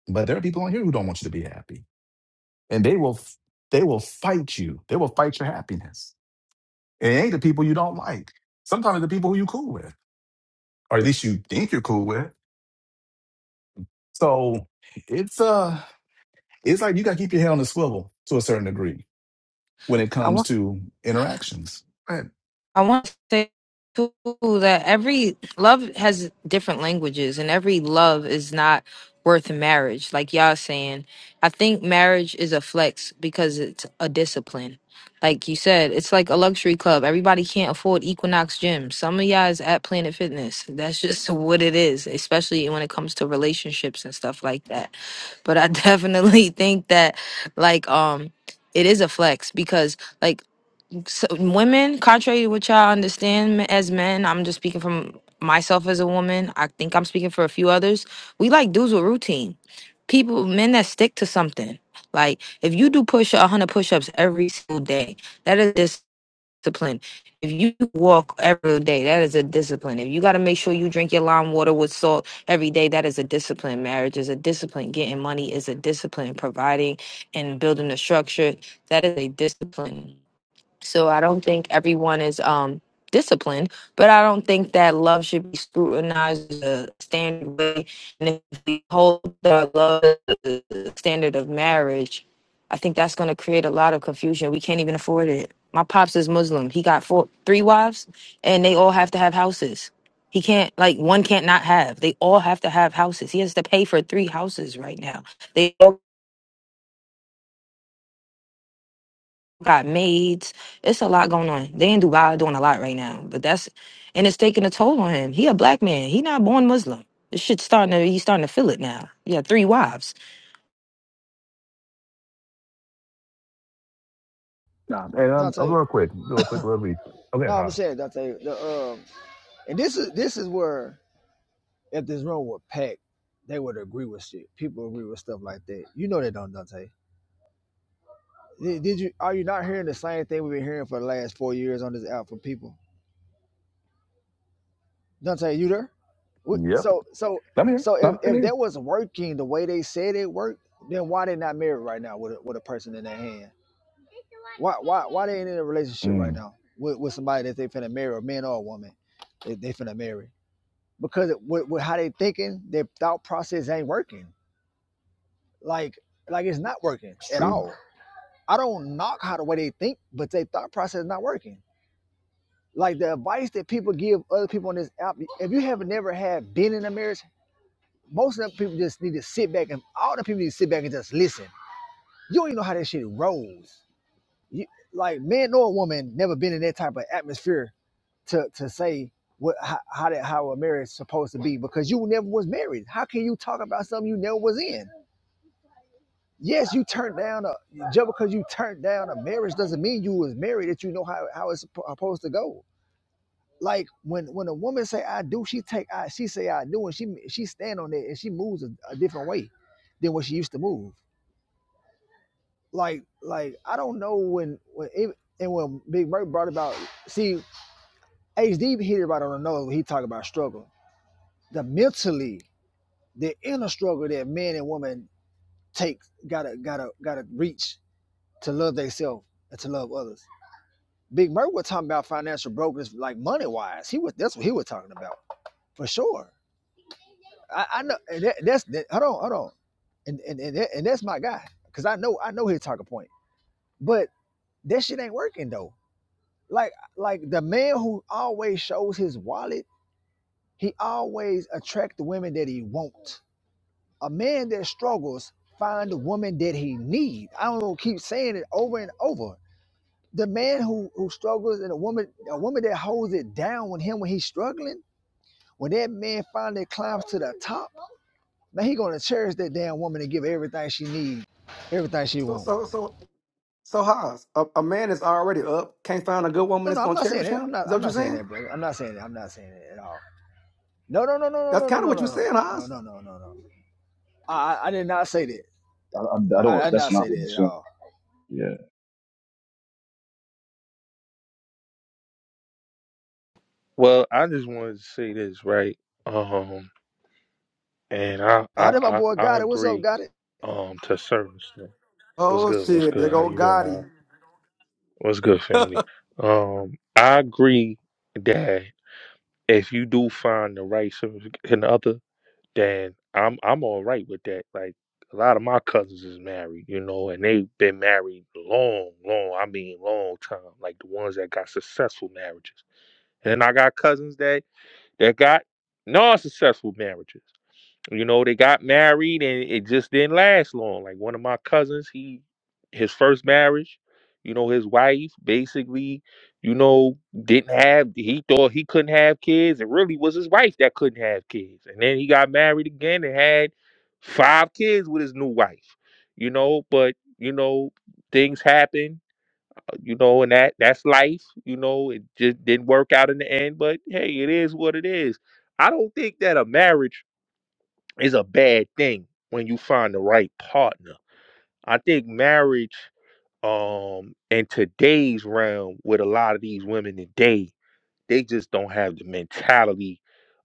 Speaker 1: but there are people on here who don't want you to be happy, and they will, f- they will fight you. They will fight your happiness It ain't the people you don't like. Sometimes the people who you cool with, or at least you think you're cool with. So it's uh it's like you gotta keep your head on the swivel to a certain degree when it
Speaker 8: I
Speaker 1: comes to interactions. Right.
Speaker 8: I want to say too that every love has different languages, and every love is not worth marriage. Like y'all saying, I think marriage is a flex because it's a discipline. Like you said, it's like a luxury club. Everybody can't afford Equinox Gym. Some of y'all is at Planet Fitness. That's just what it is, especially when it comes to relationships and stuff like that. But I definitely think that, like, um, it is a flex because, like so women, contrary to what y'all understand me- as men, I'm just speaking from myself as a woman. I think I'm speaking for a few others. We like dudes with routine. People, men that stick to something. Like if you do push 100 push-ups every single day, that is discipline. If you walk every day, that is a discipline. If you got to make sure you drink your lime water with salt every day, that is a discipline. Marriage is a discipline. Getting money is a discipline. Providing and building a structure, that is a discipline so I don't think everyone is um disciplined, but I don't think that love should be scrutinized as a standard way. And if we hold the love as the standard of marriage, I think that's going to create a lot of confusion. We can't even afford it. My pops is Muslim. He got four, three wives, and they all have to have houses. He can't like one can't not have. They all have to have houses. He has to pay for three houses right now. They all got maids. It's a lot going on. They in Dubai doing a lot right now, but that's and it's taking a toll on him. He a black man. He not born Muslim. This shit's starting to he's starting to feel it now. Yeah, three wives.
Speaker 1: Nah, and I'm, I'm
Speaker 2: Dante?
Speaker 1: real quick, do a quick little read. Okay,
Speaker 2: No, I'm
Speaker 1: huh?
Speaker 2: saying Dante. The um, and this is this is where if this room were packed, they would agree with shit. People agree with stuff like that. You know they don't, Dante. Did, did you are you not hearing the same thing we've been hearing for the last four years on this app from people? Dante, you there? What-
Speaker 1: Yep.
Speaker 2: So so
Speaker 1: I'm here.
Speaker 2: so if
Speaker 1: No, I'm
Speaker 2: if
Speaker 1: here.
Speaker 2: that was working the way they said it worked, then why they not married right now with a, with a person in their hand? Why why why they ain't in a relationship right
Speaker 1: Mm,
Speaker 2: now with, with somebody that they finna marry, a man or a woman, that they finna marry? Because with, with how they thinking, their thought process ain't working. Like like it's not working
Speaker 1: it's
Speaker 2: at
Speaker 1: true.
Speaker 2: all. I don't knock how the way they think, but their thought process not working. Like the advice that people give other people on this app, if you have never had been in a marriage, most of the people just need to sit back and all the people need to sit back and just listen. You don't even know how that shit rolls. You, like man nor a woman never been in that type of atmosphere to to say what how how, that, how a marriage is supposed to be because you never was married. How can you talk about something you never was in? Yes, you turned down a just because you turned down a marriage doesn't mean you was married that you know how how it's supposed to go. Like when when a woman say I do, she take I she say I do and she she stand on it and she moves a, a different way than what she used to move. Like like I don't know when when it, and when Big Murray brought about see HD hit it right on the nose when he talked about struggle. The mentally the inner struggle that men and women take gotta gotta gotta reach to love themselves and to love others. Big Murray was talking about financial brokers like money wise. He was that's what he was talking about for sure. I, I know and that, that's that, hold on hold on and and and, that, and that's my guy because I know I know his talking point. But that shit ain't working though. Like like the man who always shows his wallet, he always attract the women that he won't. A man that struggles find the woman that he need. I don't know, keep saying it over and over. The man who who struggles and a woman a woman that holds it down with him when he's struggling, when that man finally climbs to the top, man, he gonna cherish that damn woman and give her everything she needs, everything she
Speaker 5: So
Speaker 2: wants.
Speaker 5: so so So Haas, a, a man is already up, can't find a good woman
Speaker 2: No,
Speaker 5: that's
Speaker 2: no, I'm
Speaker 5: gonna
Speaker 2: not saying
Speaker 5: cherish
Speaker 2: that. I'm
Speaker 5: him.
Speaker 2: not
Speaker 5: Is that
Speaker 2: I'm
Speaker 5: what you're
Speaker 2: not saying
Speaker 5: saying?
Speaker 2: that, brother. I'm not saying that. I'm not saying that at all. No, no, no, no,
Speaker 5: That's
Speaker 2: no, no, no,
Speaker 5: kind
Speaker 2: no,
Speaker 5: of what you're
Speaker 2: no,
Speaker 5: saying,
Speaker 2: no, no,
Speaker 5: Haas.
Speaker 2: no, no, no. no. I I did not say that.
Speaker 9: I, I, I
Speaker 2: I,
Speaker 9: don't.
Speaker 2: I did
Speaker 9: That's
Speaker 2: not
Speaker 9: not
Speaker 2: say
Speaker 9: what he
Speaker 2: that at
Speaker 9: said.
Speaker 2: all.
Speaker 9: Yeah,
Speaker 10: Well, I just wanted to say this, right? Um, and I
Speaker 2: Out
Speaker 10: I
Speaker 2: my
Speaker 10: I,
Speaker 2: boy
Speaker 10: I
Speaker 2: got it. What's up,
Speaker 10: agree
Speaker 2: got it?
Speaker 10: um to a certain extent. What's
Speaker 5: Oh
Speaker 10: good? What's
Speaker 5: shit, there
Speaker 10: good? How
Speaker 5: go
Speaker 10: you doing? How-
Speaker 5: Gotti.
Speaker 10: What's good, family? Um, I agree that if you do find the right significant other, then I'm I'm all right with that. Like a lot of my cousins is married, you know, and they've been married long, long. I mean, long time. Like the ones that got successful marriages. And then I got cousins that They got non-successful marriages. You know, they got married and it just didn't last long. Like one of my cousins, he his first marriage, you know, his wife basically, you know, didn't have he thought he couldn't have kids. It really was his wife that couldn't have kids. And then he got married again and had five kids with his new wife. You know, but you know, things happen you know, and that that's life. You know, it just didn't work out in the end, but hey, it is what it is. I don't think that a marriage is a bad thing when you find the right partner. I think marriage, um, in today's realm with a lot of these women today they just don't have the mentality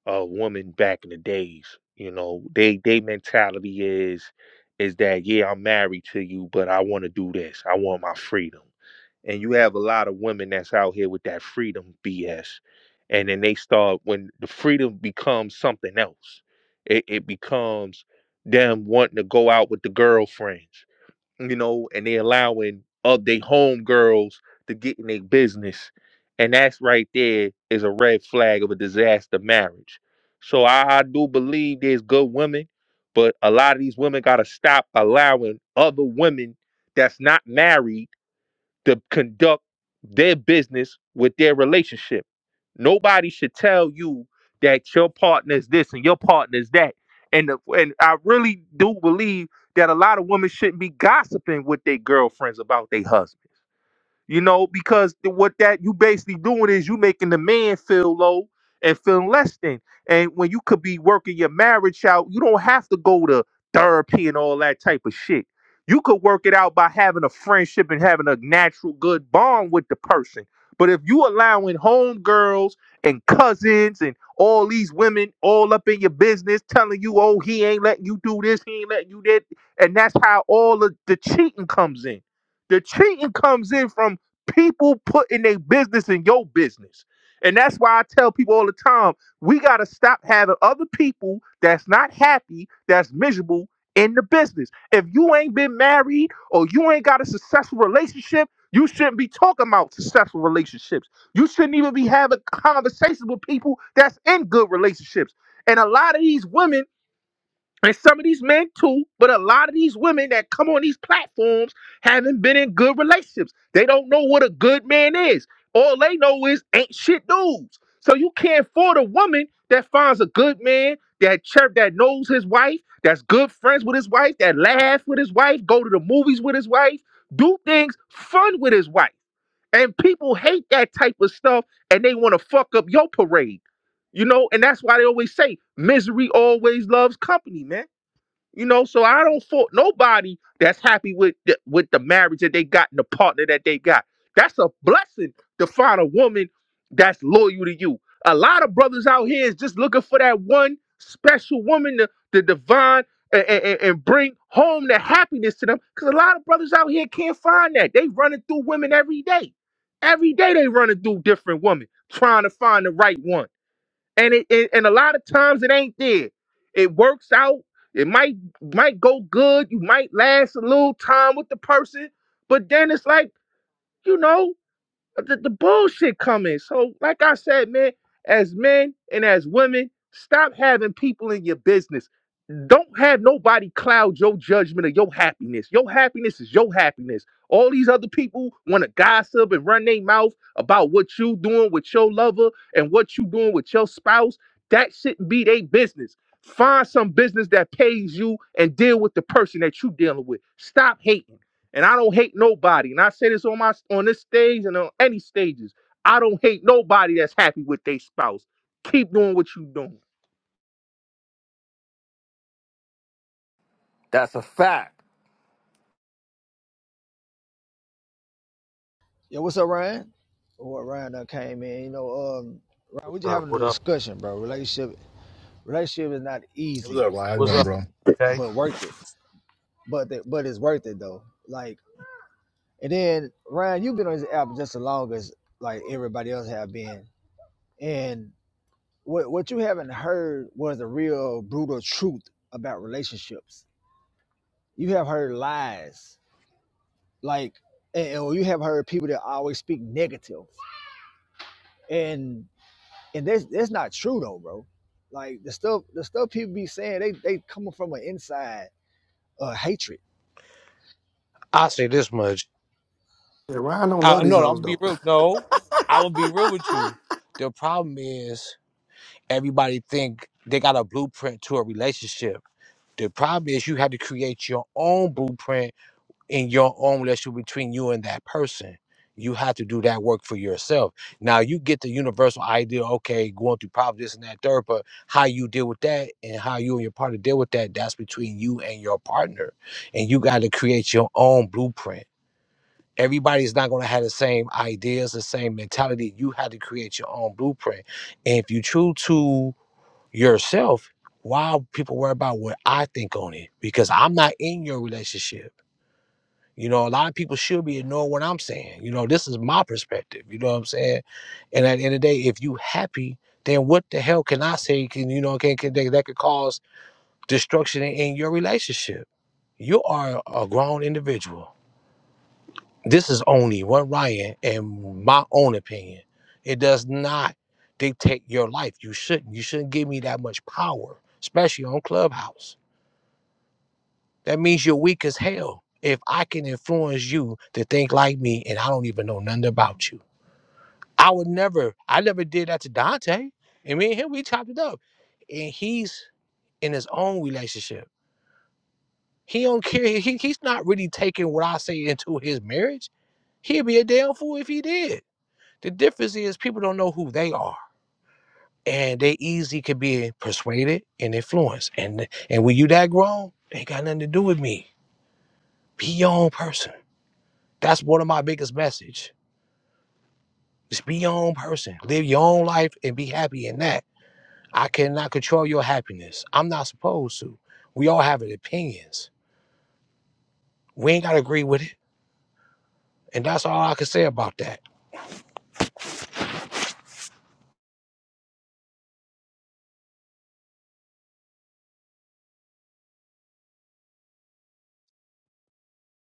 Speaker 10: of women back in the days. You know, they they mentality is is that yeah, I'm married to you, but I want to do this. I want my freedom. And you have a lot of women that's out here with that freedom BS. And then they start when the freedom becomes something else. It, it becomes them wanting to go out with the girlfriends you know, and they allowing up they homegirls to get in their business. And that's right there is a red flag of a disaster marriage. So I, I do believe there's good women, but a lot of these women gotta stop allowing other women that's not married to conduct their business with their relationship Nobody should tell you that your partner is this and your partner is that. And the, and I really do believe that a lot of women shouldn't be gossiping with their girlfriends about their husbands. You know, because the- what that you basically doing is you making the man feel low and feeling less than. And when you could be working your marriage out, you don't have to go to therapy and all that type of shit. You could work it out by having a friendship and having a natural good bond with the person. But if you allowing homegirls and cousins and all these women all up in your business telling you, oh, he ain't letting you do this, he ain't letting you that, and that's how all of the cheating comes in. The cheating comes in from People putting their business in your business. And that's why I tell people all the time, we got to stop having other people that's not happy, that's miserable in the business. If you ain't been married or you ain't got a successful relationship, you shouldn't be talking about successful relationships. You shouldn't even be having conversations with people that's in good relationships. And a lot of these women and some of these men too, but a lot of these women that come on these platforms haven't been in good relationships. They don't know what a good man is. All they know is ain't shit dudes. So you can't afford a woman that finds a good man that chirp that knows his wife, that's good friends with his wife, that laugh with his wife, go to the movies with his wife, do things fun with his wife. And people hate that type of stuff and they want to fuck up your parade. You know, and that's why they always say misery always loves company, man. You know, so I don't fault nobody that's happy with the, with the marriage that they got and the partner that they got. That's a blessing to find a woman that's loyal to you. A lot of brothers out here is just looking for that one special woman, the, the divine, and, and, and bring home the happiness to them. Because a lot of brothers out here can't find that. They running through women every day. Every day they running through different women, trying to find the right one and it, it- and a lot of times it ain't there. It works out. It might might go good. You might last a little time with the person, but then it's like you know the, the bullshit coming. So like I said, man, as men and as women, stop having people in your business don't have nobody cloud your judgment of your happiness. Your happiness is your happiness. All these other people want to gossip and run their mouth about what you doing with your lover and what you doing with your spouse. That shouldn't be their business. Find some business that pays you and deal with the person that you dealing with. Stop hating. And I don't hate nobody. And I say this on my on this stage and on any stages. I don't hate nobody that's happy with their spouse. Keep doing what you doing.
Speaker 3: That's a fact.
Speaker 2: Yo, what's up, Ryan? Or Ryan that came in, you know, um, Ryan,
Speaker 11: What's
Speaker 2: we just
Speaker 11: up?
Speaker 2: having a
Speaker 11: What up?
Speaker 2: discussion, bro. Relationship, relationship is not
Speaker 1: Hey, What's
Speaker 2: easy,
Speaker 1: up, Ryan? How you
Speaker 11: What's
Speaker 1: doing,
Speaker 11: up?
Speaker 1: bro?
Speaker 11: Okay.
Speaker 2: but worth it. But the, but it's worth it though. Like, and then Ryan, you've been on this app just as long as like everybody else have been, and what what you haven't heard was the real brutal truth about relationships. You have heard lies, like, and, and you have heard people that always speak negative, and and that's that's not true though, bro. Like the stuff the stuff people be saying, they they coming from an inside uh hatred.
Speaker 11: I say this much.
Speaker 5: Yeah, Ryan don't love
Speaker 11: I, no,
Speaker 5: these
Speaker 11: I'm
Speaker 5: hoes
Speaker 11: gonna be
Speaker 5: though.
Speaker 11: real. No, I will be real with you. The problem is everybody think they got a blueprint to a relationship. The problem is you have to create your own blueprint in your own relationship between you and that person. You have to do that work for yourself. Now you get the universal idea, okay, going through problems, this and that, third, but how you deal with that and how you and your partner deal with that, that's between you and your partner. And you got to create your own blueprint. Everybody's not going to have the same ideas, the same mentality. You have to create your own blueprint. And if you true to yourself, why people worry about what I think on it? Because I'm not in your relationship. You know, a lot of people should be ignoring what I'm saying. You know, this is my perspective. You know what I'm saying? And at the end of the day, if you happy, then what the hell can I say? Can you know can, can that, that could cause destruction in, in your relationship? You are a grown individual. This is only one Ryan and my own opinion. It does not dictate your life. You shouldn't. You shouldn't give me that much power, especially on Clubhouse. That means you're weak as hell. If I can influence you to think like me and I don't even know nothing about you, I would never, I never did that to Dante. And me and him, we chopped it up. And he's in his own relationship. He don't care. He, he's not really taking what I say into his marriage. He'd be a damn fool if he did. The difference is people don't know who they are. And they easy could be persuaded and influenced. And and when you that grown, they ain't got nothing to do with me. Be your own person. That's one of my biggest message. Just be your own person. Live your own life and be happy in that. I cannot control your happiness. I'm not supposed to. We all have opinions. We ain't gotta agree with it. And that's all I can say about that.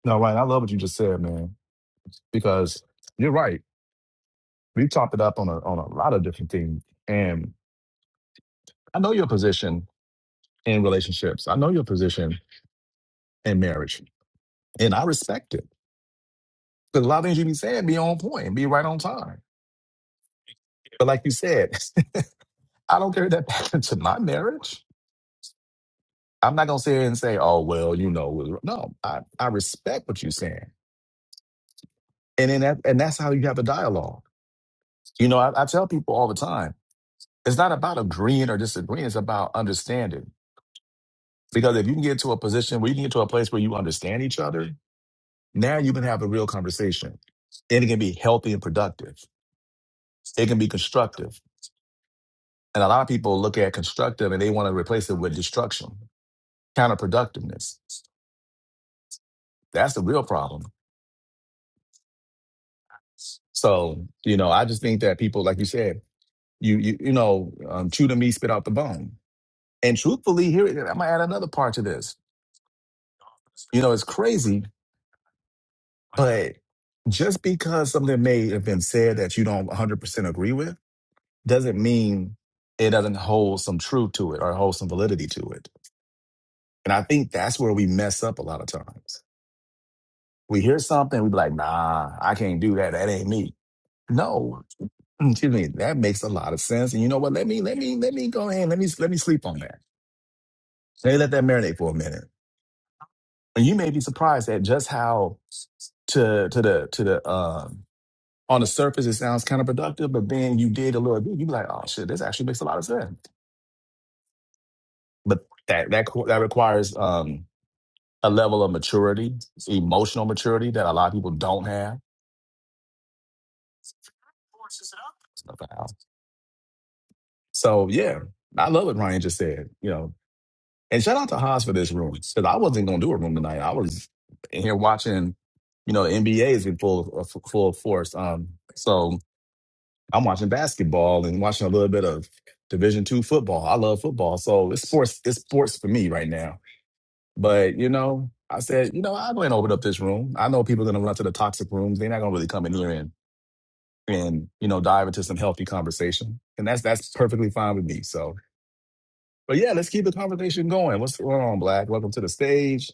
Speaker 1: No, Ryan, I love what you just said, man. Because you're right. We've chopped it up on a on a lot of different things. And I know your position in relationships. I know your position in marriage. And I respect it. Because a lot of things you be saying be on point, be right on time. But like you said, I don't carry that back into my marriage. I'm not gonna sit here and say, oh well, you know, it was-" no, I, I respect what you're saying. And then that, and that's how you have a dialogue. You know, I, I tell people all the time, it's not about agreeing or disagreeing, it's about understanding. Because if you can get to a position where you can get to a place where you understand each other, now you can have a real conversation. And it can be healthy and productive. It can be constructive And a lot of people look at constructive and they want to replace it with destruction, counterproductiveness. That's the real problem. So, you know, I just think that people, like you said, you you, you know, um, chew the meat, spit out the bone. And truthfully, here I'm gonna add another part to this. You know, it's crazy, but just because something may have been said that you don't 100% agree with doesn't mean it doesn't hold some truth to it or hold some validity to it. And I think that's where we mess up a lot of times We hear something, we be like, nah, I can't do that. That ain't me. No, excuse me. That makes a lot of sense. And you know what? Let me, let me, let me go ahead. and Let me, let me sleep on that. Let me let that marinate for a minute. And you may be surprised at just how to to the to the um on the surface it sounds kind of productive, but then you did a little bit, you be like, oh shit, this actually makes a lot of sense. But that that co- that requires um a level of maturity, emotional maturity that a lot of people don't have. So yeah, I love what Ryan just said. You know, and shout out to Haas for this room because I wasn't gonna do a room tonight. I was in here watching. You know, the NBA is in full uh, f- full force. Um, so I'm watching basketball and watching a little bit of Division two football. I love football, so it's sports. It's sports for me right now. But you know, I said, you know, I'm gonna open up this room. I know people are gonna run to the toxic rooms. They're not gonna really come in here and and you know dive into some healthy conversation, and that's that's perfectly fine with me. So But yeah, let's keep the conversation going. What's going on, Black? Welcome to the stage.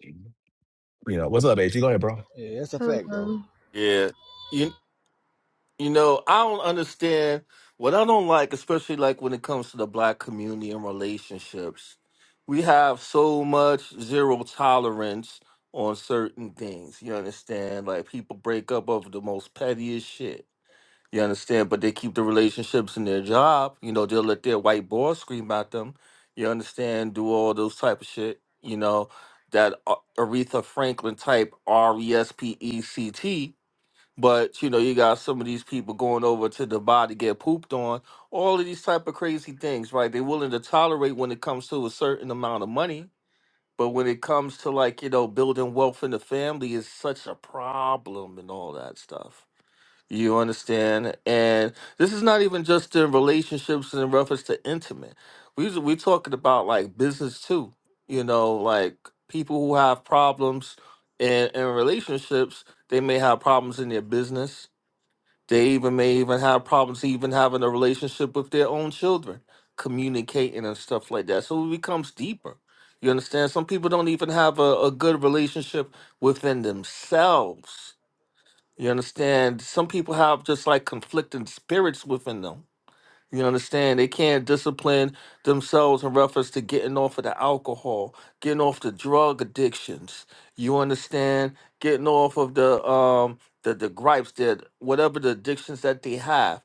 Speaker 1: You know, what's up, AG? Go ahead, bro.
Speaker 2: Yeah, that's a fact though.
Speaker 12: Hello.
Speaker 3: Yeah. You you know, I don't understand what I don't like, especially like when it comes to the black community and relationships. We have so much zero tolerance on certain things. You understand? Like people break up over the most pettiest shit. You understand? But they keep the relationships in their job. You know, they'll let their white boss scream at them. You understand? Do all those type of shit. You know, that A- Aretha Franklin type R E S P E C T. But you know, you got some of these people going over to the bar to get pooped on. All of these type of crazy things, right? They're willing to tolerate when it comes to a certain amount of money. But when it comes to like, you know, building wealth in the family is such a problem and all that stuff. You understand? And this is not even just in relationships and in reference to intimate. We we talking about like business too. You know, like people who have problems in, in relationships, they may have problems in their business. They even may even have problems even having a relationship with their own children, communicating and stuff like that. So it becomes deeper. You understand? Some people don't even have a, a good relationship within themselves you understand? Some people have just like conflicting spirits within them. You understand? They can't discipline themselves in reference to getting off of the alcohol, getting off the drug addictions. You understand? Getting off of the um the, the gripes that whatever the addictions that they have.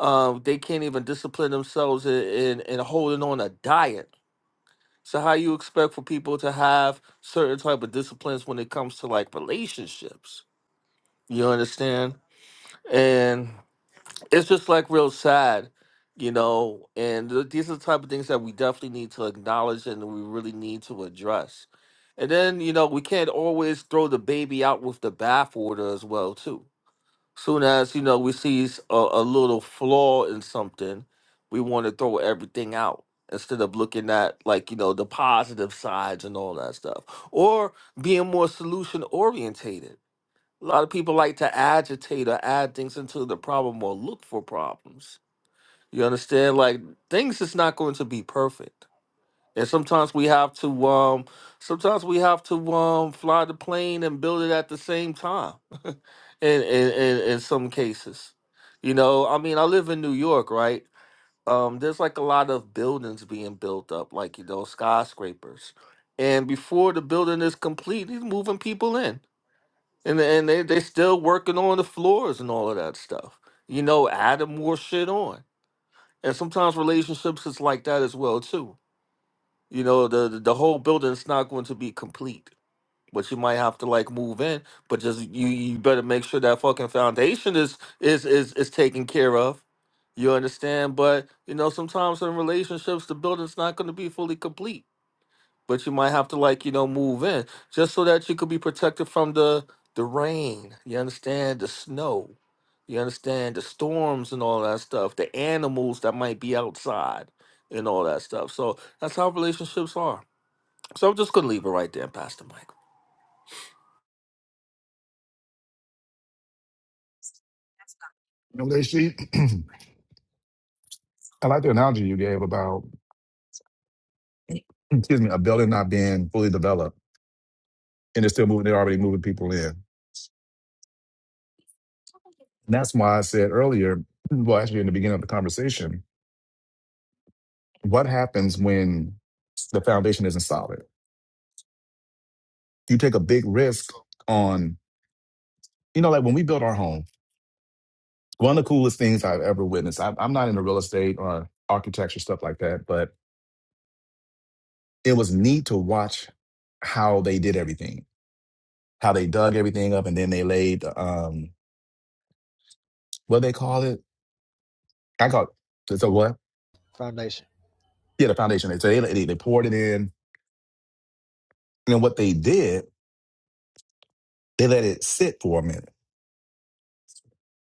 Speaker 3: Um, they can't even discipline themselves in, in, in holding on a diet. So how you expect for people to have certain type of disciplines when it comes to like relationships? You understand? and it's just like real sad you know and th- these are the type of things that we definitely need to acknowledge and we really need to address and then you know we can't always throw the baby out with the bathwater as well too soon as you know we see s- a, a little flaw in something we want to throw everything out instead of looking at like you know the positive sides and all that stuff or being more solution orientated a lot of people like to agitate or add things into the problem or look for problems. You understand? Like things is not going to be perfect. And sometimes we have to um sometimes we have to um fly the plane and build it at the same time in, in, in, in some cases. You know, I mean I live in New York, right? Um, there's like a lot of buildings being built up, like you know, skyscrapers. And before the building is complete, he's moving people in and and they they still working on the floors and all of that stuff. You know, adding more shit on, and sometimes relationships is like that as well too. You know, the the the whole building's not going to be complete, but you might have to like move in. But just you you better make sure that fucking foundation is is is is taken care of. You understand? But you know, sometimes in relationships, the building's not going to be fully complete but you might have to like you know move in just so that you could be protected from the the rain you understand the snow you understand the storms and all that stuff the animals that might be outside and all that stuff so that's how relationships are so i'm just gonna leave it right there Pastor Mike.
Speaker 1: You know, they see, I like the analogy you gave about, excuse me, a building not being fully developed and they're still moving, they're already moving people in. And that's why I said earlier, well, actually, in the beginning of the conversation, what happens when the foundation isn't solid. You take a big risk on, you know, like when we built our home, one of the coolest things I've ever witnessed. I, I'm not into real estate or architecture, stuff like that, but it was neat to watch how they did everything, how they dug everything up and then they laid, um, what they call it? I call it, so what?
Speaker 2: Foundation.
Speaker 1: Yeah, the foundation. So they, they, they poured it in. And what they did, they let it sit for a minute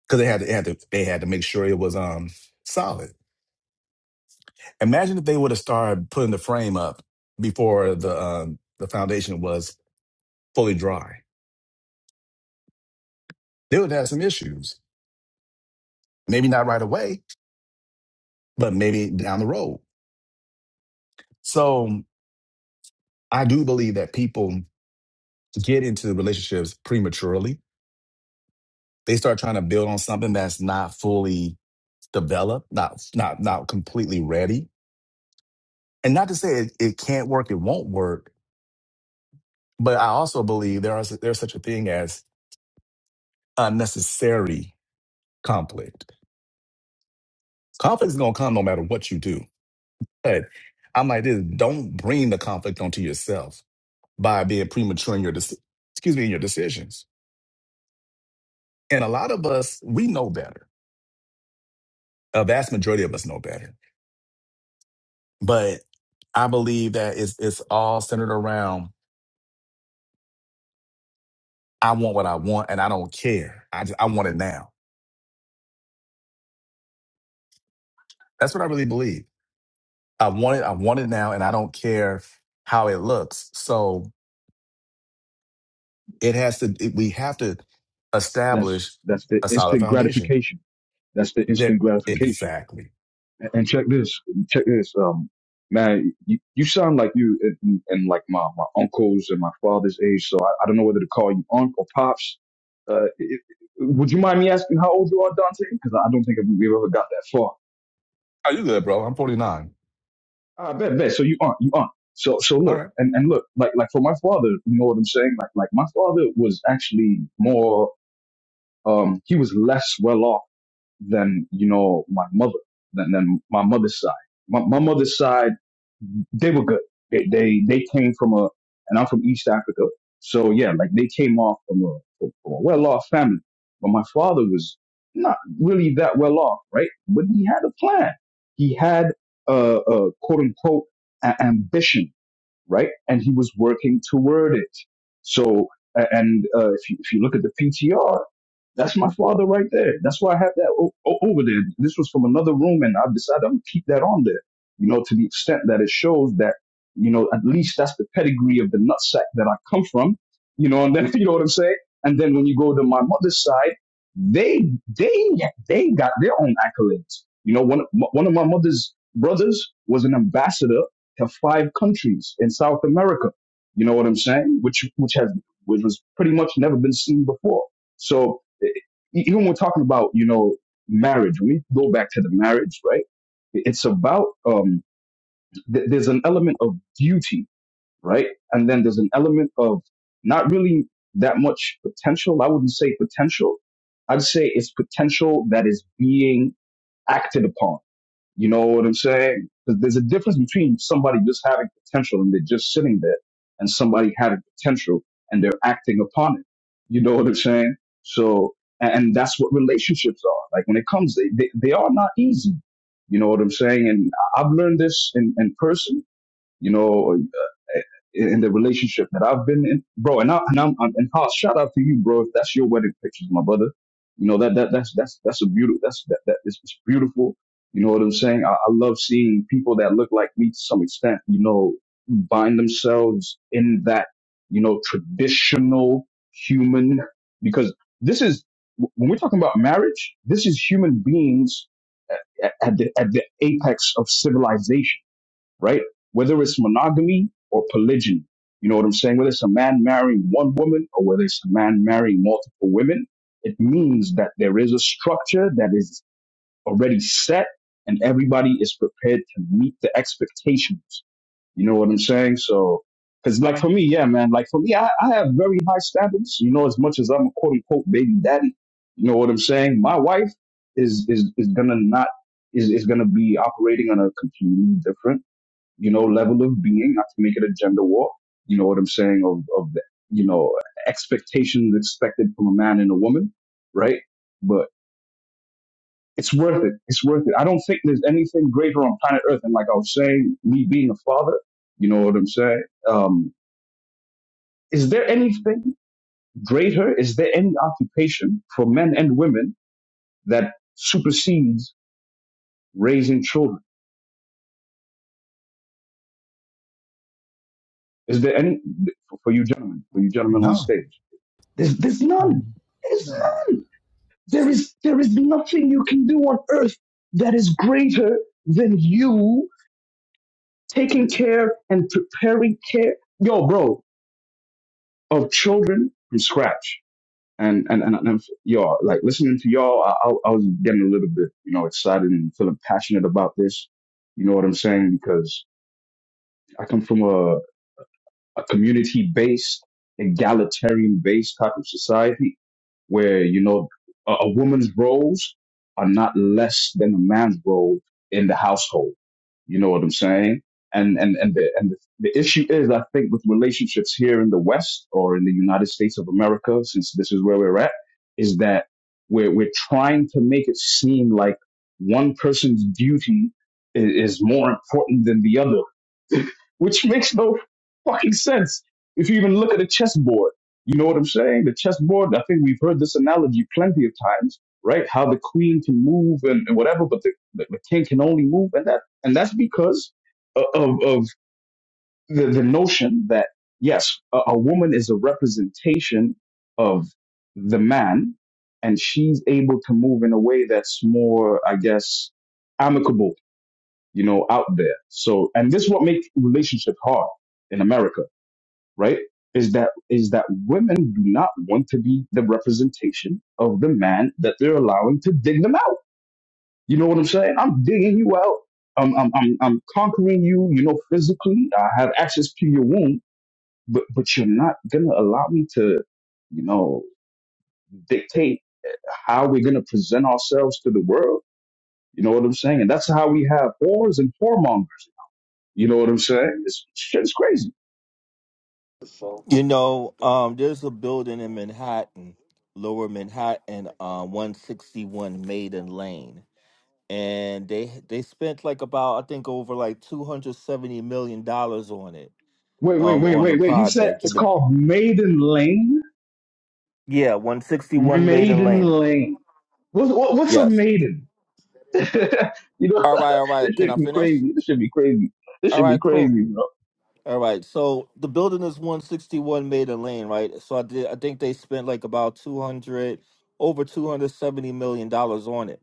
Speaker 1: because they had to, they had to, they had to make sure it was um, solid Imagine if they would have started putting the frame up before the um, the foundation was fully dry. They would have some issues. Maybe not right away, but maybe down the road. So I do believe that people get into relationships prematurely. They start trying to build on something that's not fully developed, not not not completely ready. And not to say it, it can't work, it won't work, but I also believe there are there's such a thing as unnecessary conflict Conflict is gonna come no matter what you do. But I'm like this: don't bring the conflict onto yourself by being premature in your deci- excuse me in your decisions. And a lot of us we know better. A vast majority of us know better. But I believe that it's it's all centered around I want what I want and I don't care. I just, I want it now. That's what I really believe. I want it. I want it now, and I don't care how it looks. So it has to. It, we have to
Speaker 9: that's
Speaker 1: establish
Speaker 9: that's the
Speaker 1: a solid
Speaker 9: instant
Speaker 1: foundation
Speaker 9: gratification. That's the
Speaker 1: There,
Speaker 9: instant gratification.
Speaker 1: exactly,
Speaker 9: And, and check this. Check this. Um, man, you, you sound like you and, and like my my uncles and my father's age. So I, I don't know whether to call you uncle or pops. Uh, it, would you mind me asking how old you are, Dante? Because I don't think we've ever got that far.
Speaker 1: Oh, you good, bro? I'm 49.
Speaker 9: I bet, bet. So you aren't, you aren't. So, so
Speaker 1: All
Speaker 9: look,
Speaker 1: right.
Speaker 9: and, and look, like, like for my father, you know what I'm saying? Like, like my father was actually more um, he was less well off than, you know, my mother, than, than my mother's side. My, my mother's side, they were good. They, they, they came from a, and I'm from East Africa. So yeah, like they came off from a, from a well off family. But my father was not really that well off, right? But he had a plan. He had a, a quote unquote a- ambition right? And he was working toward it. So, and uh, if, you, if you look at the PTR, that's my father right there. That's why I have that o- o- over there. This was from another room, and I've decided I'm gonna keep that on there. You know, to the extent that it shows that, you know, at least that's the pedigree of the nutsack that I come from. You know, and then you know what I'm saying. And then when you go to my mother's side, they they they got their own accolades. You know, one of- one of my mother's brothers was an ambassador to five countries in South America. You know what I'm saying? Which which has which was pretty much never been seen before. So e- e, even when we're talking about you know marriage, when we go back to the marriage, right? It's about um, th- there's an element of beauty, right? And then there's an element of not really that much potential. I wouldn't say potential. I'd say it's potential that is being acted upon you know what I'm saying? 'Cause there's a difference between somebody just having potential and they're just sitting there and somebody having potential and they're acting upon it. You know what I'm saying? So, and and that's what relationships are. Like when it comes, they, they, they are not easy. You know what I'm saying? And I- I've learned this in, in person you know, uh, in in the relationship that I've been in, bro. And I, and I'm, I'm and Haas, shout out to you, bro. If that's your wedding pictures, my brother, you know that that that's that's that's a beautiful that's that that is it's beautiful. You know what I'm saying? I, I love seeing people that look like me to some extent. You know, bind themselves in that you know traditional human because this is when we're talking about marriage. This is human beings at, at the at the apex of civilization right? Whether it's monogamy or polygyny. You know what I'm saying? Whether it's a man marrying one woman or whether it's a man marrying multiple women, it means that there is a structure that is already set and everybody is prepared to meet the expectations. You know what I'm saying? So, cause like for me, yeah, man, like for me, I, I have very high standards, you know, as much as I'm a quote unquote baby daddy. You know what I'm saying? My wife is, is, is gonna not, is, is gonna be operating on a completely different you know, level of being, not to make it a gender war, you know what I'm saying, of, of the, you know, expectations expected from a man and a woman, right? But it's worth it. It's worth it. I don't think there's anything greater on planet Earth. And like I was saying, me being a father, you know what I'm saying? Um, is there anything greater? Is there any occupation for men and women that supersedes raising children? Is there any, for you gentlemen, for you gentlemen on
Speaker 1: No,
Speaker 9: stage? There's, there's none. There's
Speaker 2: None.
Speaker 9: none. There is, there is nothing you can do on earth that is greater than you taking care and preparing care, yo, bro, of children from scratch. And, and, and, and y'all, like listening to y'all, I, I, I was getting a little bit, you know, excited and feeling passionate about this. You know what I'm saying? Because I come from a, a community based, egalitarian based type of society where, you know, a, a woman's roles are not less than a man's role in the household. You know what I'm saying? And, and, and the, and the, the issue is, I think with relationships here in the West or in the United States of America, since this is where we're at, is that we're, we're trying to make it seem like one person's duty i- is more important than the other which makes no fucking sense if you even look at a chessboard. You know what I'm saying? The chessboard, I think we've heard this analogy plenty of times, right? How the queen can move and, and whatever, but the, the, the king can only move. And that, and that's because o- of, of the, the notion that yes, a, a woman is a representation of the man and she's able to move in a way that's more, I guess, amicable you know, out there. So, and this is what makes relationship hard in America, right? Is that is that women do not want to be the representation of the man that they're allowing to dig them out. You know what I'm saying? I'm digging you out. I'm I'm I'm, I'm conquering you. You know, physically, I have access to your womb, but but you're not gonna allow me to, you know, dictate how we're gonna present ourselves to the world. You know what I'm saying? And that's how we have whores and whoremongers You know what I'm saying? This shit is crazy.
Speaker 3: You know, um, there's a building in Manhattan, Lower Manhattan, uh, 161 Maiden Lane, and they they spent like about I think over like 270 million dollars on it.
Speaker 9: Wait, wait,
Speaker 3: um
Speaker 9: wait,
Speaker 3: on the
Speaker 9: wait, wait. You said
Speaker 3: project.
Speaker 9: it's
Speaker 3: the-
Speaker 9: called Maiden Lane?
Speaker 3: yeah, 161 Maiden
Speaker 9: Maiden
Speaker 3: Lane.
Speaker 9: Lane. What, what, what's a
Speaker 3: Yes.
Speaker 9: maiden? you know,
Speaker 3: All right, all right.
Speaker 9: this
Speaker 3: Can
Speaker 9: should
Speaker 3: I
Speaker 9: be
Speaker 3: finish?
Speaker 9: crazy. This should be crazy. This
Speaker 3: All
Speaker 9: should be
Speaker 3: right, cool.
Speaker 9: crazy, bro.
Speaker 3: All right. So the building is 161 Maiden Lane, right? So I did I think they spent like about 200 over 270 million dollars on it.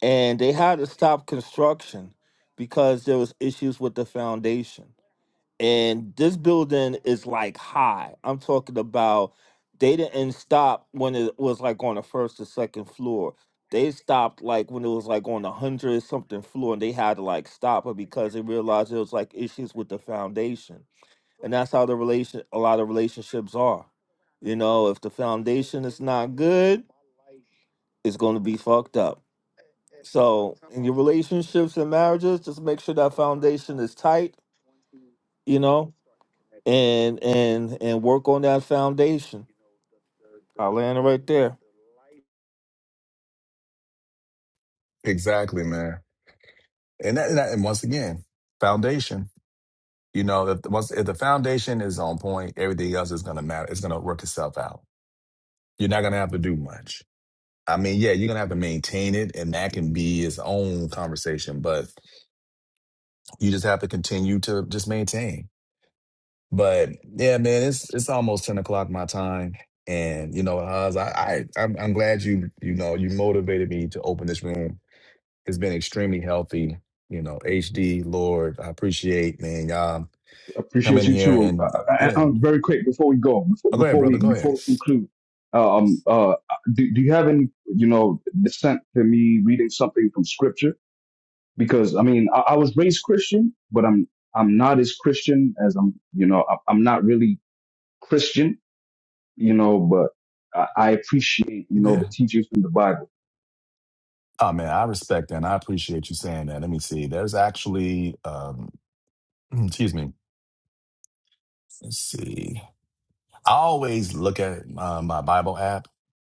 Speaker 3: And they had to stop construction because there was issues with the foundation. and this building is like high. I'm talking about they didn't stop when it was like on the first or second floor. They stopped like when it was like on the hundred something floor, and they had to like stop it because they realized there was like issues with the foundation, and that's how the relation a lot of relationships are. You know, if the foundation is not good, it's going to be fucked up. So in your relationships and marriages, just make sure that foundation is tight you know, and and and work on that foundation. I land it right there.
Speaker 1: exactly, man. And that, and, that, and once again, foundation. You know, if once if the foundation is on point, everything else is gonna matter. It's gonna work itself out. You're not gonna have to do much. I mean, yeah, you're gonna have to maintain it, and that can be its own conversation. But you just have to continue to just maintain. But yeah, man, it's it's almost ten o'clock my time, and you know, Oz, I, I I'm, I'm glad you you know you motivated me to open this room. It's been extremely healthy, you know. HD Lord, I appreciate man, y'all
Speaker 9: I
Speaker 1: come in
Speaker 9: Appreciate you
Speaker 1: here
Speaker 9: too. Uh,
Speaker 1: and
Speaker 9: I,
Speaker 1: yeah.
Speaker 9: I, am very quick before we go, before,
Speaker 1: Oh, go ahead,
Speaker 9: before
Speaker 1: brother.
Speaker 9: we
Speaker 1: Go
Speaker 9: before
Speaker 1: ahead.
Speaker 9: we conclude. uh, Um, uh, do, do you have any, you know, dissent to me reading something from scripture? Because I mean, I, I was raised Christian, but I'm I'm not as Christian as I'm. You know, I, I'm not really Christian, you know, but I, I appreciate, you know,
Speaker 1: Yeah.
Speaker 9: the teachings from the Bible.
Speaker 1: Oh man, I respect that. and I appreciate you saying that. Let me see. There's actually, um, excuse me. Let's see. I always look at uh, my Bible app,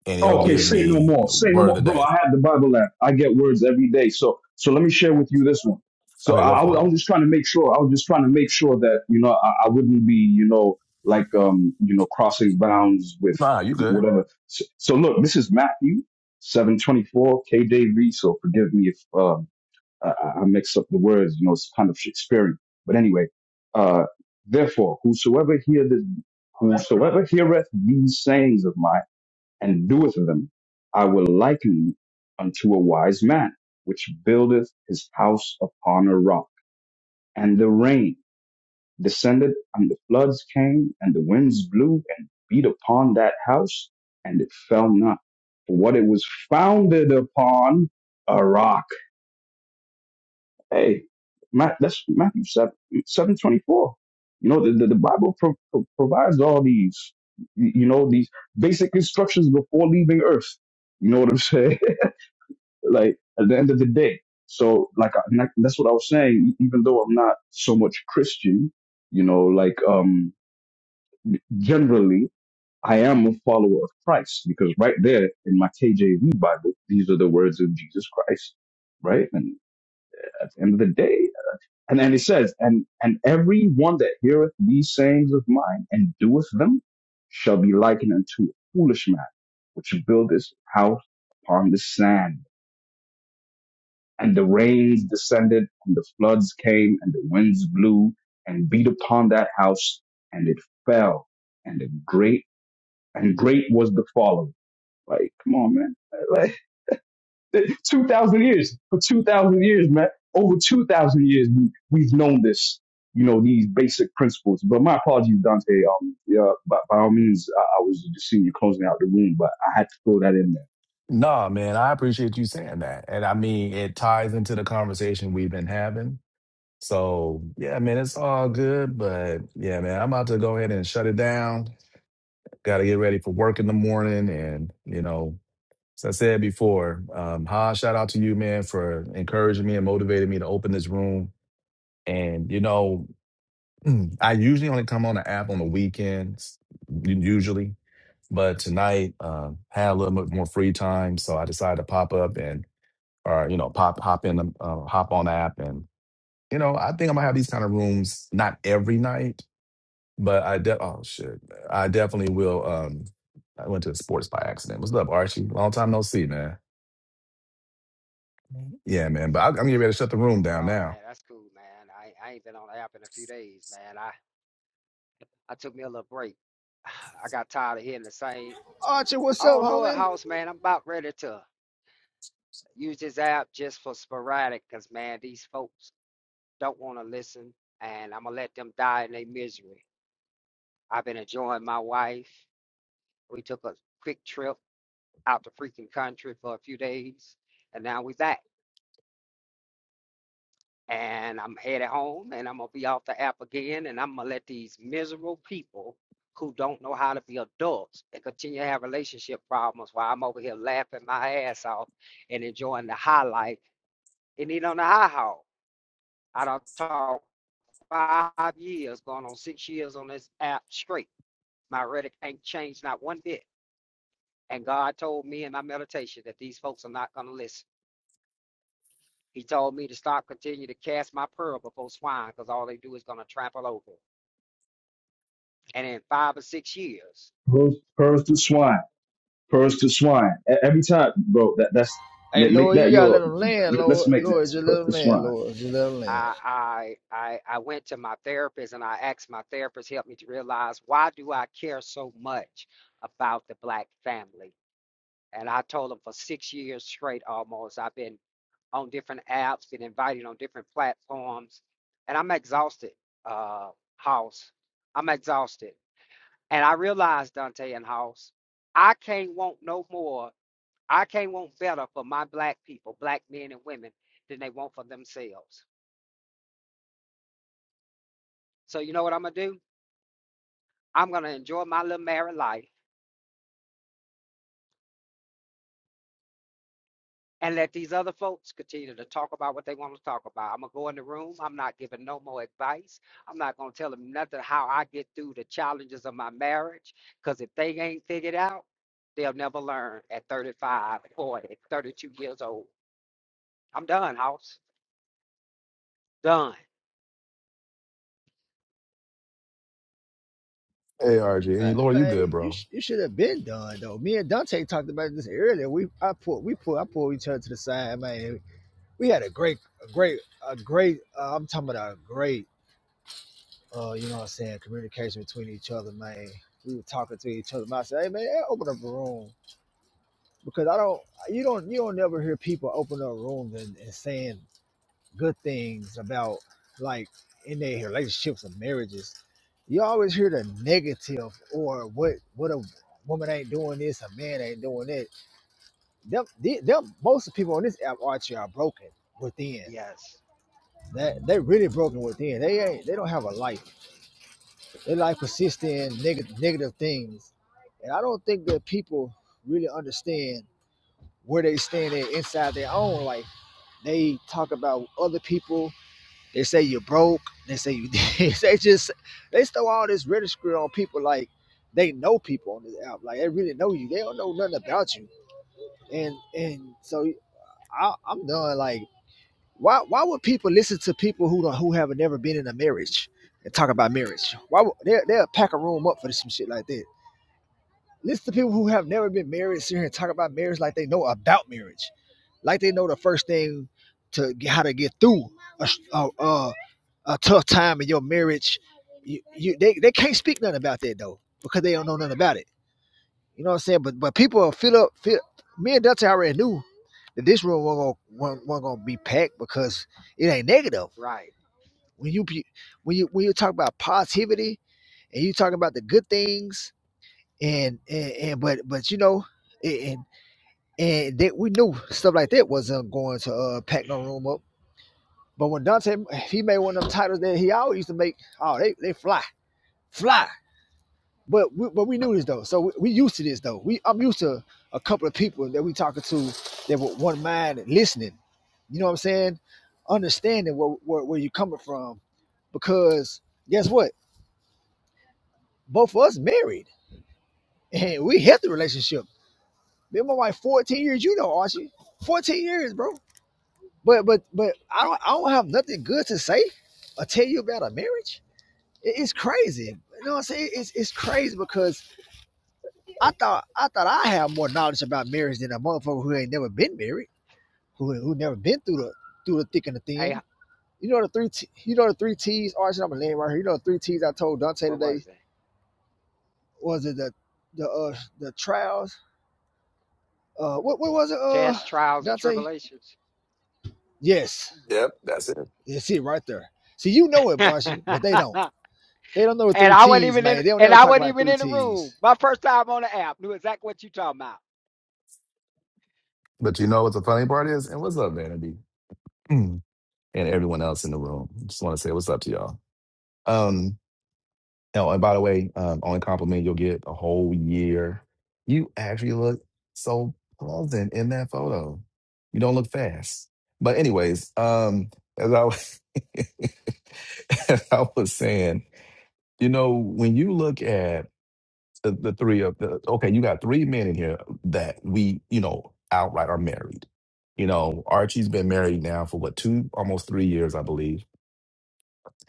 Speaker 1: and it'll
Speaker 9: okay,
Speaker 1: give
Speaker 9: say no
Speaker 1: me
Speaker 9: more. Say no
Speaker 1: word of
Speaker 9: more.
Speaker 1: the
Speaker 9: Bro,
Speaker 1: day.
Speaker 9: I have the Bible app. I get words every day. So so let me share with you this one. So
Speaker 1: Okay, go
Speaker 9: I, I, was,
Speaker 1: for
Speaker 9: I
Speaker 1: it.
Speaker 9: was just trying to make sure. I was just trying to make sure that, you know, I, I wouldn't be, you know, like um, you know, crossing bounds with
Speaker 1: Nah, you good.
Speaker 9: whatever. So, so look, this is Matthew seven twenty four. K J V, so forgive me if um I, I mix up the words, you know, it's kind of Shakespearean. But anyway, uh, therefore, whosoever hear this, whosoever heareth these sayings of mine and doeth them, I will liken unto a wise man, which buildeth his house upon a rock. And the rain descended, and the floods came, and the winds blew and beat upon that house, and it fell not. For what it was founded upon, a rock Hey, Ma- that's Matthew 7, 724. You know, the, the, the Bible pro- pro- provides all these, y- you know, these basic instructions before leaving earth. You know what I'm saying? like at the end of the day. So like, I, and I- that's what I was saying. e- Even though I'm not so much Christian, you know, like, um, generally I am a follower of Christ because right there in my KJV Bible, these are the words of Jesus Christ, right? And at the end of the day, And then he says, and, and every one that heareth these sayings of mine and doeth them shall be likened unto a foolish man, which built his house upon the sand. And the rains descended, and the floods came, and the winds blew and beat upon that house, and it fell. And a great, and great was the fall of it. Like, come on, man. two thousand years for two thousand years, man. Over two thousand years, we we've known this, you know, these basic principles. But my apologies, Dante. Um, yeah, by, by all means, I, I was just seeing you closing out the room, but I had to throw that in there.
Speaker 1: Nah, man, I appreciate you saying that. And I mean, it ties into the conversation we've been having. So, yeah, man, it's all good. But yeah, man, I'm about to go ahead and shut it down. Got to get ready for work in the morning. And, you know, as I said before, um, Ha, shout out to you, man, for encouraging me and motivating me to open this room. And, you know, I usually only come on the app on the weekends, usually. But tonight, um, had a little bit more free time, so I decided to pop up and, or you know, pop hop in, the- uh, hop on the app, and you know, I think I'm gonna have these kind of rooms not every night, but I de- oh shit, I definitely will. Um, I went to the sports by accident. What's up, Archie? Long time no see, man. Yeah, man.
Speaker 13: What's
Speaker 1: But I, I'm
Speaker 13: up?
Speaker 1: getting
Speaker 13: What's
Speaker 1: ready to
Speaker 13: up?
Speaker 1: shut the room down
Speaker 13: Oh man,
Speaker 1: now.
Speaker 13: that's cool, man. I ain't- I ain't been on the app in a few days, man. I I took me a little break. I got tired of hearing the same.
Speaker 2: Archie, what's
Speaker 13: I
Speaker 2: up,
Speaker 13: don't know it,
Speaker 2: homie?
Speaker 13: house man. I'm about ready to use this app just for sporadic, cause man, these folks don't want to listen, and I'm gonna let them die in their misery. I've been enjoying my wife. We took a quick trip out to freaking country for a few days, and now we back. and I'm headed home and I'm gonna be off the app again and I'm gonna let these miserable people who don't know how to be adults and continue to have relationship problems while I'm over here laughing my ass off and enjoying the high life. and eat on the high hog. I don't talk five years, going on six years on this app straight. My rhetoric ain't changed not one bit. And God told me in my meditation that these folks are not gonna listen. He told me to stop, continue to cast my pearl before swine, because all they do is gonna trample over. it. and in five or six years
Speaker 9: Purse, purse to swine, purse to swine. E- Every time, bro. That that's
Speaker 2: Hey
Speaker 9: make make
Speaker 2: Lord, you
Speaker 9: that
Speaker 2: gotta let
Speaker 9: your.
Speaker 2: them land,
Speaker 9: Let's
Speaker 2: Lord.
Speaker 9: make that
Speaker 2: Lord, just let
Speaker 9: purse
Speaker 2: them
Speaker 9: to
Speaker 2: land,
Speaker 9: swine.
Speaker 2: Lord. Just let them land.
Speaker 13: I, I i i went to my therapist and i asked my therapist help me to realize why do i care so much about the black family and i told him for six years straight almost i've been on different apps been invited on different platforms and i'm exhausted uh house i'm exhausted and i realized dante and house i can't want no more I can't want better for my black people, black men and women, than they want for themselves. So you know what I'm gonna do? I'm gonna enjoy my little married life and let these other folks continue to talk about what they want to talk about. I'm gonna go in the room. I'm not giving no more advice. I'm not gonna tell them nothing how I get through the challenges of my marriage. Cause if they ain't figured out, they'll never learn at 35, 40, 32 years old. I'm done, house. Done.
Speaker 1: Hey, Archie,
Speaker 2: Uh,
Speaker 1: and Lord, you
Speaker 2: man,
Speaker 1: good,
Speaker 2: you
Speaker 1: bro?
Speaker 2: sh- you should have been done though. Me and Dante talked about this earlier. We I pulled we pulled I pulled each other to the side, man. We had a great a great a great. Uh, I'm talking about a great uh, you know what I'm saying, communication between each other, man. We were talking to each other. Man, I said, hey man, hey, open up a room. Because I don't you don't you don't never hear people open up rooms and, and saying good things about like in their relationships and marriages. You always hear the negative or what what a woman ain't doing this, a man ain't doing that. Them, the- them most of the people on this app Archie are broken within.
Speaker 13: Yes.
Speaker 2: That they really broken within. They ain't they don't have a life. They like persisting in negative negative things, and I don't think that people really understand where they stand at inside their own life. They talk about other people. They say you're broke. They say you. they just they throw all this ridicule on people like they know people on this app. Like they really know you. They don't know nothing about you. And and so I, I'm done. Like why why would people listen to people who don't, who have never been in a marriage and talk about marriage? Why would, they they'll pack a room up for some shit like that? Listen to people who have never been married sit here and talk about marriage like they know about marriage, like they know the first thing to how to get through a a a, a tough time in your marriage. You, you they, they can't speak nothing about that though because they don't know nothing about it. You know what I'm saying? But but people are feel up. Feel, me and Dante already knew that this room wasn't gonna, wasn't, not gonna be packed because it ain't negative.
Speaker 13: Right.
Speaker 2: When you be- when you when you talk about positivity and you talking about the good things and and, and but but you know and and that we knew stuff like that wasn't going to uh pack no room up. But when Dante he made one of them titles that he always used to make, oh they they fly fly. But we, but we knew this though, so we, we used to this though. We I'm used to a couple of people that we talking to that were one mind and listening. You know what I'm saying? Understanding where where, where you coming from because guess what? Both of us married and we had the relationship. Been my wife 14 years, you know, Archie. 14 years, bro. But but but I don't I don't have nothing good to say or tell you about a marriage. It- it's crazy. You know what I'm saying? It's it's crazy because I thought I thought I had more knowledge about marriage than a motherfucker who ain't never been married, who who never been through the through the thick and the
Speaker 13: Hey,
Speaker 2: thin. You know the three T, you know the three T's, Archie, I'm gonna land right here. You know the three T's I told Dante
Speaker 13: what
Speaker 2: today
Speaker 13: was it?
Speaker 2: was it the the uh the trials. Uh what what was it, uh
Speaker 13: tests, trials, and
Speaker 2: Dante?
Speaker 13: tribulations.
Speaker 2: Yes
Speaker 1: Yep, that's it.
Speaker 2: You see it right there. See, you know it,
Speaker 13: and
Speaker 2: Archie, but they don't.
Speaker 13: I
Speaker 2: They don't know the three
Speaker 13: wasn't
Speaker 2: T's,
Speaker 13: even in
Speaker 2: man. They don't
Speaker 13: and
Speaker 2: never
Speaker 13: I
Speaker 2: talk
Speaker 13: wasn't
Speaker 2: about the
Speaker 13: even
Speaker 2: three
Speaker 13: in the room.
Speaker 2: T's.
Speaker 13: My first time on the app. Knew exactly what you talking about.
Speaker 1: But you know what the funny part is, and what's up, Vanity, and everyone else in the room. Just want to say what's up to y'all. Um, Oh, and by the way, um, only compliment you'll get a whole year. You actually look so pleasant in that photo. You don't look fast. But anyways, um, as I was, as I was saying, you know, when you look at the, the three of the okay, you got three men in here that we, you know, outright are married. You know, Archie's been married now for what two, almost three years, I believe.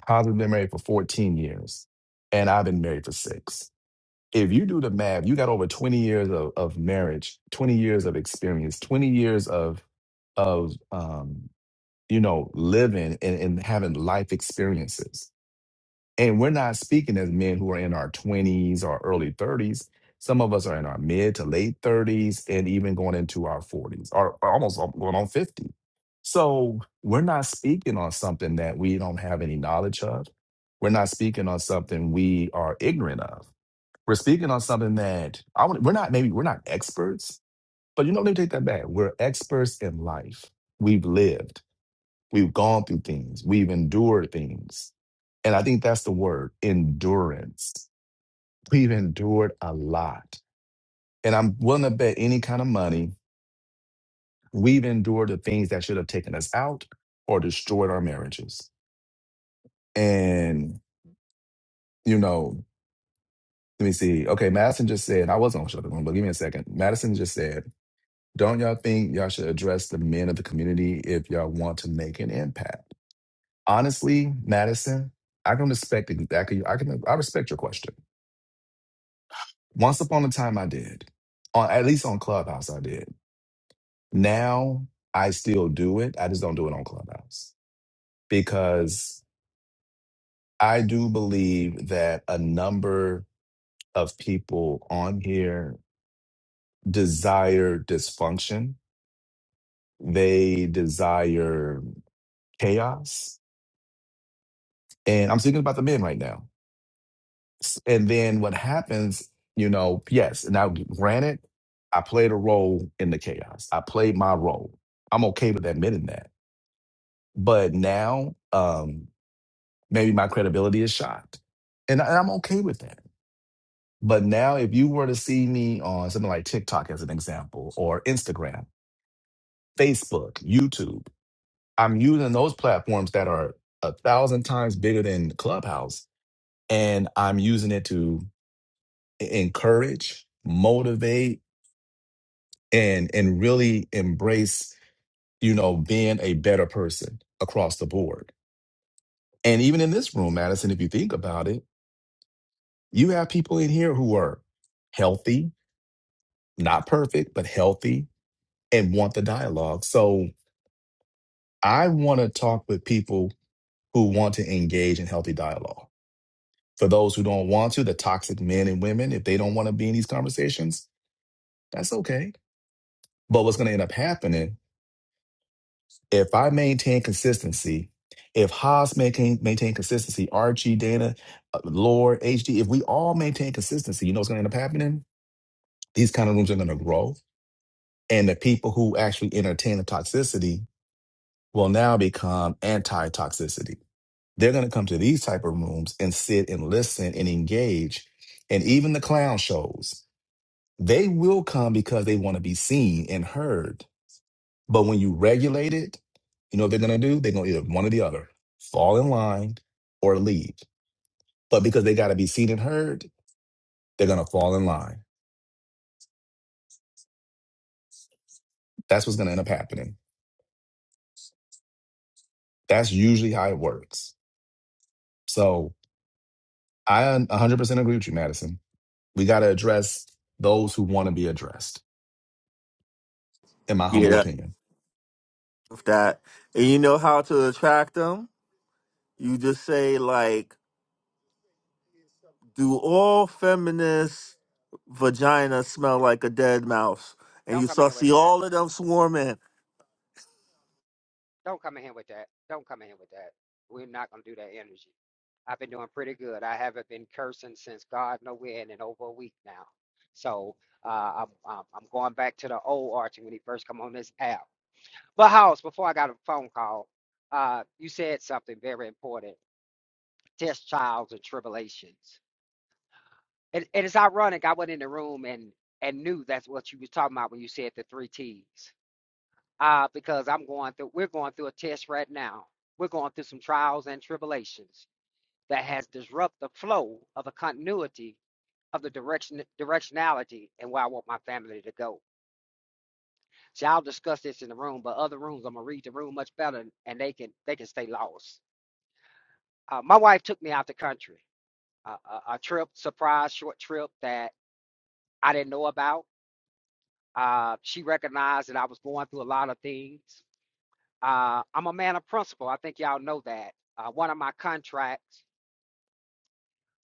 Speaker 1: Hazard's been married for fourteen years, and I've been married for six. if you do the math, you got over 20 years of, of marriage, 20 years of experience, 20 years of of um, you know, living and, and having life experiences. And we're not speaking as men who are in our 20s or early 30s. Some of us are in our mid to late 30s and even going into our 40s or or almost going on 50. So we're not speaking on something that we don't have any knowledge of. We're not speaking on something we are ignorant of we're speaking on something that I want. We're not maybe we're not experts, but you know, let me take that back. We're experts in life. We've lived. We've gone through things. We've endured things, and I think that's the word endurance. We've endured a lot, and I'm willing to bet any kind of money we've endured the things that should have taken us out or destroyed our marriages. And you know, let me see. Okay, Madison just said I was on Shut Up and Roll, but give me a second. Madison just said Don't y'all think y'all should address the men of the community if y'all want to make an impact? Honestly, Madison, I can respect it. I can, I can, I respect your question. Once upon a time, I did. On at least on Clubhouse, I did. Now I still do it. I just don't do it on Clubhouse because I do believe that a number of people on here desire dysfunction. They desire chaos And I'm thinking about the men right now. S- And then what happens, you know, yes, now granted, I played a role in the chaos. I played my role. I'm okay with admitting that. But now, um, maybe my credibility is shot. And, and I'm okay with that. But now, if you were to see me on something like TikTok as an example, or Instagram, Facebook, YouTube, I'm using those platforms that are a thousand times bigger than Clubhouse. And I'm using it to encourage, motivate, and and really embrace, you know, being a better person across the board. And even in this room, Madison, if you think about it, you have people in here who are healthy, not perfect, but healthy and want the dialogue. So I want to talk with people who want to engage in healthy dialogue. For those who don't want to, the toxic men and women, if they don't want to be in these conversations, that's okay. But what's going to end up happening if I maintain consistency, if Haas maintain maintain consistency, RG, Dana, uh, Lord, HD, if we all maintain consistency, you know what's going to end up happening? These kind of rooms are going to grow, and the people who actually entertain the toxicity will now become anti-toxicity. They're going to come to these type of rooms and sit and listen and engage, and even the clown shows. They will come because they want to be seen and heard But when you regulate it, you know what they're gonna do? They're gonna either one or the other, fall in line or leave. But because they gotta be seen and heard, they're gonna fall in line. That's what's gonna end up happening. That's usually how it works. So I 100% agree with you, Madison. We gotta address those who want to be addressed, in my
Speaker 3: Yeah,
Speaker 1: humble
Speaker 3: that,
Speaker 1: opinion.
Speaker 3: with that. And you know how to attract them? You just say like, "Do all feminist vaginas smell like a dead mouse?" And
Speaker 13: Don't
Speaker 3: you
Speaker 13: come in
Speaker 3: start
Speaker 13: here with
Speaker 3: see
Speaker 13: that.
Speaker 3: all of them swarming.
Speaker 13: Don't come in here with that. Don't come in here with that. We're not gonna do that energy. I've been doing pretty good. I haven't been cursing since God know when in over a week now. So uh, I'm, I'm I'm going back to the old Archie when he first come on this app. But House, before I got a phone call, uh, you said something very important. Test trials and tribulations. It and it's ironic. I went in the room and and knew that's what you was talking about when you said the three T's. Uh, because I'm going through. We're going through a test right now. We're going through some trials and tribulations that has disrupted the flow of the continuity of the direction directionality and where I want my family to go. So I'll discuss this in the room, but other rooms I'm gonna read the room much better, and they can they can stay lost. Uh, my wife took me out the country, uh, a a trip, surprise short trip that I didn't know about Uh, she recognized that I was going through a lot of things. Uh, I'm a man of principle. I think y'all know that. Uh, one of my contracts,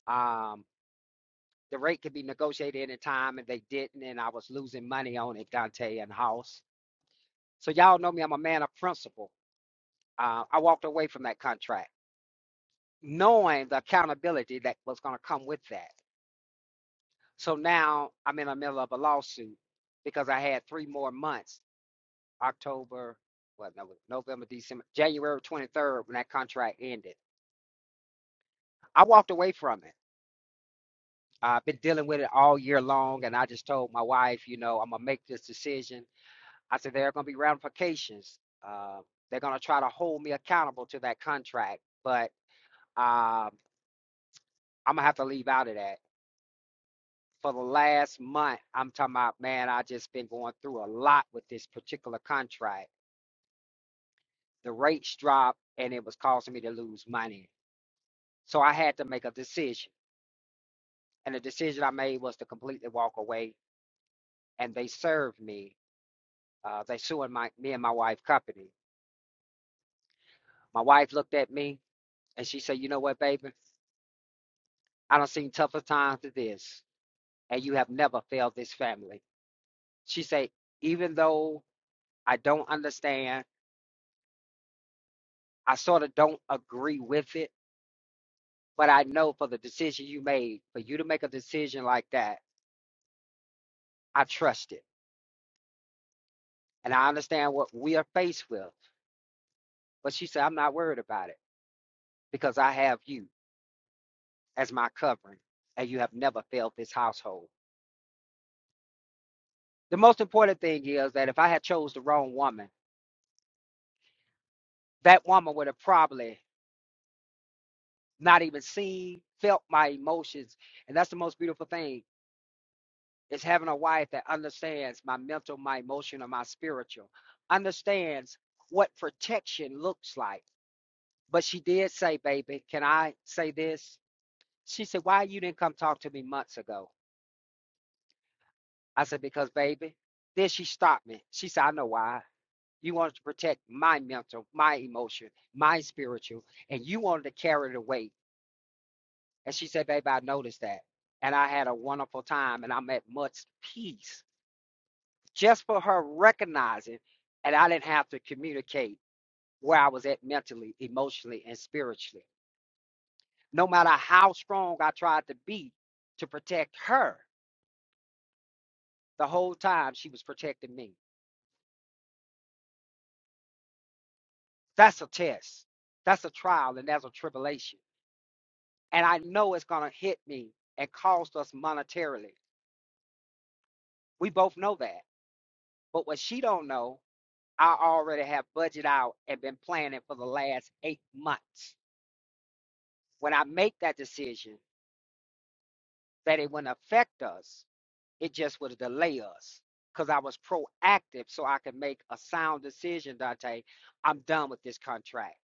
Speaker 13: um, the rate could be negotiated any time, and they didn't, and I was losing money on it, Dante and House. So y'all know me. I'm a man of principle. Uh, I walked away from that contract, knowing the accountability that was going to come with that. So now I'm in the middle of a lawsuit because I had three more months October, what, no, November, December, January 23rd when that contract ended. I walked away from it. I've been dealing with it all year long, and I just told my wife, you know, I'm gonna make this decision. I said there are gonna be ramifications. Uh, they're gonna try to hold me accountable to that contract, but um, I'm gonna have to leave out of that. For the last month, I'm talking about, man, I just been going through a lot with this particular contract. The rates dropped, and it was causing me to lose money. So I had to make a decision. and the decision I made was to completely walk away. And they served me. Uh, they sued my me and my wife company. My wife looked at me and she said, "You know what, baby? I don't seen tougher times than this, and you have never failed this family." She said, "Even though I don't understand, I sort of don't agree with it, but I know for the decision you made, for you to make a decision like that, I trust it, and I understand what we are faced with." But she said, "I'm not worried about it because I have you." as my covering, and you have never failed this household. The most important thing is that if I had chose the wrong woman, that woman would have probably not even seen, felt my emotions. And that's the most beautiful thing is having a wife that understands my mental, my emotional, my spiritual, understands what protection looks like. But she did say, baby, can I say this? She said, why you didn't come talk to me months ago? I said, because baby, then she stopped me. She said, I know why. You wanted to protect my mental, my emotion, my spiritual, and you wanted to carry the weight. And she said, Babe, I noticed that. And I had a wonderful time and I'm at much peace just for her recognizing and I didn't have to communicate where I was at mentally, emotionally, and spiritually. No matter how strong I tried to be to protect her, the whole time she was protecting me. That's a test. That's a trial and that's a tribulation and I know it's gonna hit me and cost us monetarily. We both know that. But what she don't know, I already have budget out and been planning for the last eight months. When I make that decision, that it wouldn't affect us, it just would delay us. Cause I was proactive so I could make a sound decision, Dante. I'm done with this contract.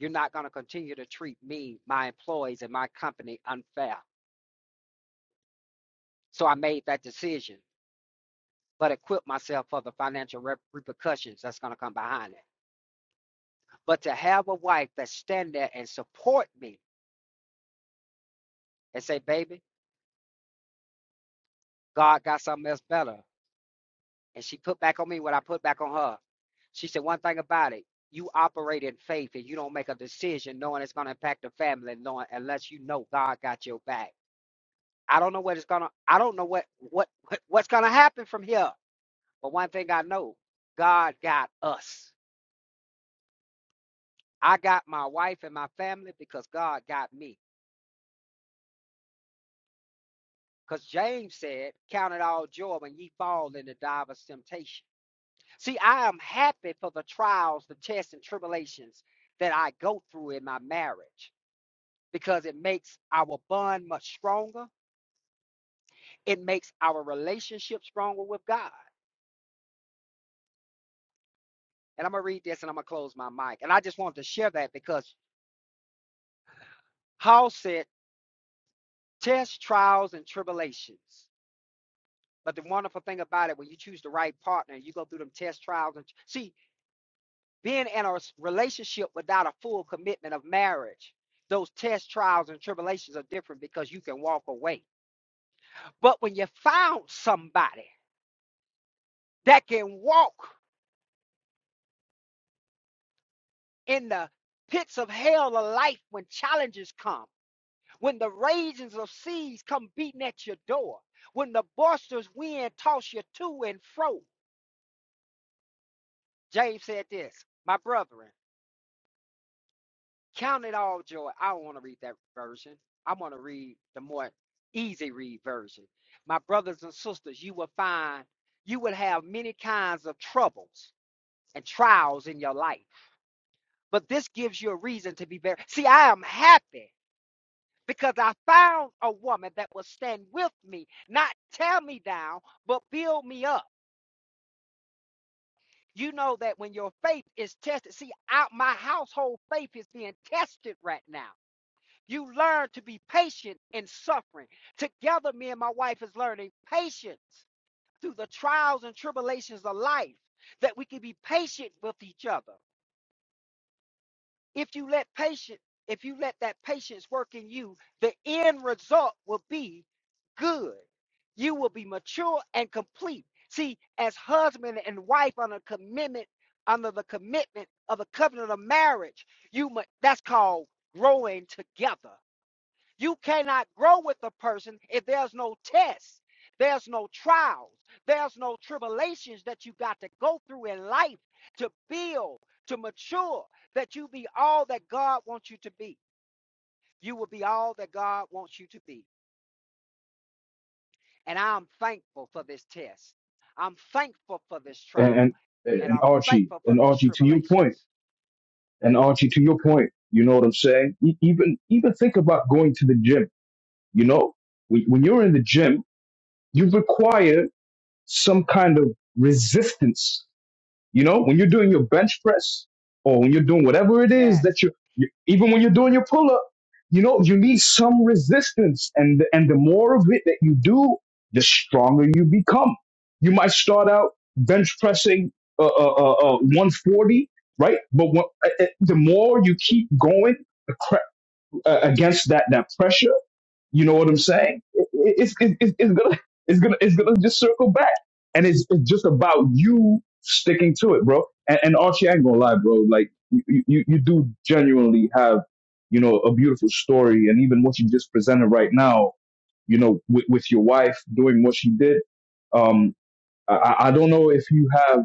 Speaker 13: You're not gonna continue to treat me, my employees, and my company unfair. So I made that decision. but equip myself for the financial rep- repercussions that's going to come behind it. But to have a wife that stand there and support me and say, baby, God got something else better. And she put back on me what I put back on her. She said, one thing about it, you operate in faith and you don't make a decision knowing it's going to impact the family knowing unless you know God got your back. I don't know what it's going to, I don't know what, what, what what's going to happen from here. But one thing I know, God got us. I got my wife and my family because God got me. Because James said, Count it all joy when ye fall into divers temptation. See, I am happy for the trials, the tests, and tribulations that I go through in my marriage because it makes our bond much stronger. It makes our relationship stronger with God. And I'm going to read this and I'm going to close my mic. And I just wanted to share that because Paul said, Tests, trials, and tribulations. But the wonderful thing about it, when you choose the right partner, you go through them test trials. And see, being in a relationship without a full commitment of marriage, those tests, trials and tribulations are different because you can walk away. But when you found somebody that can walk in the pits of hell of life when challenges come, when the ragings of seas come beating at your door, when the boisterous wind toss you to and fro, James said this, my brethren. Count it all joy. I don't want to read that version. I want to read the more easy read version. My brothers and sisters, you will find you will have many kinds of troubles and trials in your life. But this gives you a reason to be very see, I am happy because I found a woman that will stand with me, not tear me down, but build me up. You know that when your faith is tested, see, out my household faith is being tested right now. You learn to be patient in suffering. Together, me and my wife is learning patience through the trials and tribulations of life, that we can be patient with each other. If you let patience, if you let that patience work in you, the end result will be good. You will be mature and complete. See, as husband and wife on a commitment, under the commitment of a covenant of marriage, you mu- that's called growing together. You cannot grow with a person if there's no tests, there's no trials, there's no tribulations that you got to go through in life to build, to mature, that you be all that God wants you to be. You will be all that God wants you to be. And I'm thankful for this test. I'm thankful for this
Speaker 9: And
Speaker 13: trial.
Speaker 9: and
Speaker 13: And
Speaker 9: and
Speaker 13: I'm
Speaker 9: Archie,
Speaker 13: thankful for
Speaker 9: and
Speaker 13: these
Speaker 9: Archie, to your point,
Speaker 13: tribulations.
Speaker 9: and Archie, to your point. You know what I'm saying? E- Even even think about going to the gym You know, when, when you're in the gym, you require some kind of resistance. You know, when you're doing your bench press or when you're doing whatever it is
Speaker 13: Yes.
Speaker 9: that you, you even when you're doing your pull up, you know, you need some resistance. And, and the more of it that you do, the stronger you become. You might start out bench pressing uh, uh, uh, uh, 140, right? But when, uh, uh, the more you keep going, the uh, against that that pressure you know what I'm saying? It, it's, it, it's it's gonna it's gonna it's gonna just circle back, and it's it's just about you sticking to it, bro. And, and Archie, I ain't gonna lie, bro. Like you, you you do genuinely have you know a beautiful story, and even what you just presented right now, you know, with, with your wife doing what she did. um, I, I don't know if you have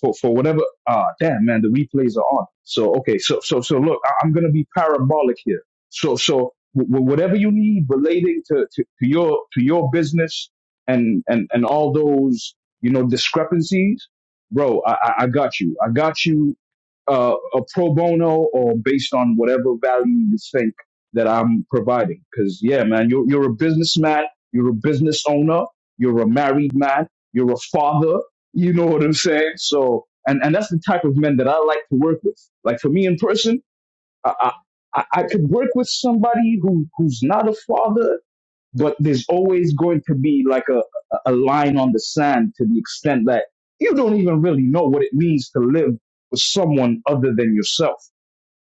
Speaker 9: for for whatever. Ah, damn man, the replays are on. So okay, so so so look, I, I'm gonna be parabolic here. So so w- w- whatever you need relating to, to to your to your business and and and all those you know discrepancies, bro. I I I got you. I got you uh, a pro bono or based on whatever value you think that I'm providing. Because yeah, man, you're you're a businessman, you're a business owner, you're a married man, you're a father. You know what I'm saying? So, and and that's the type of men that I like to work with. Like for me in person, I I, I I could work with somebody who who's not a father but there's always going to be like a, a line on the sand to the extent that you don't even really know what it means to live with someone other than yourself.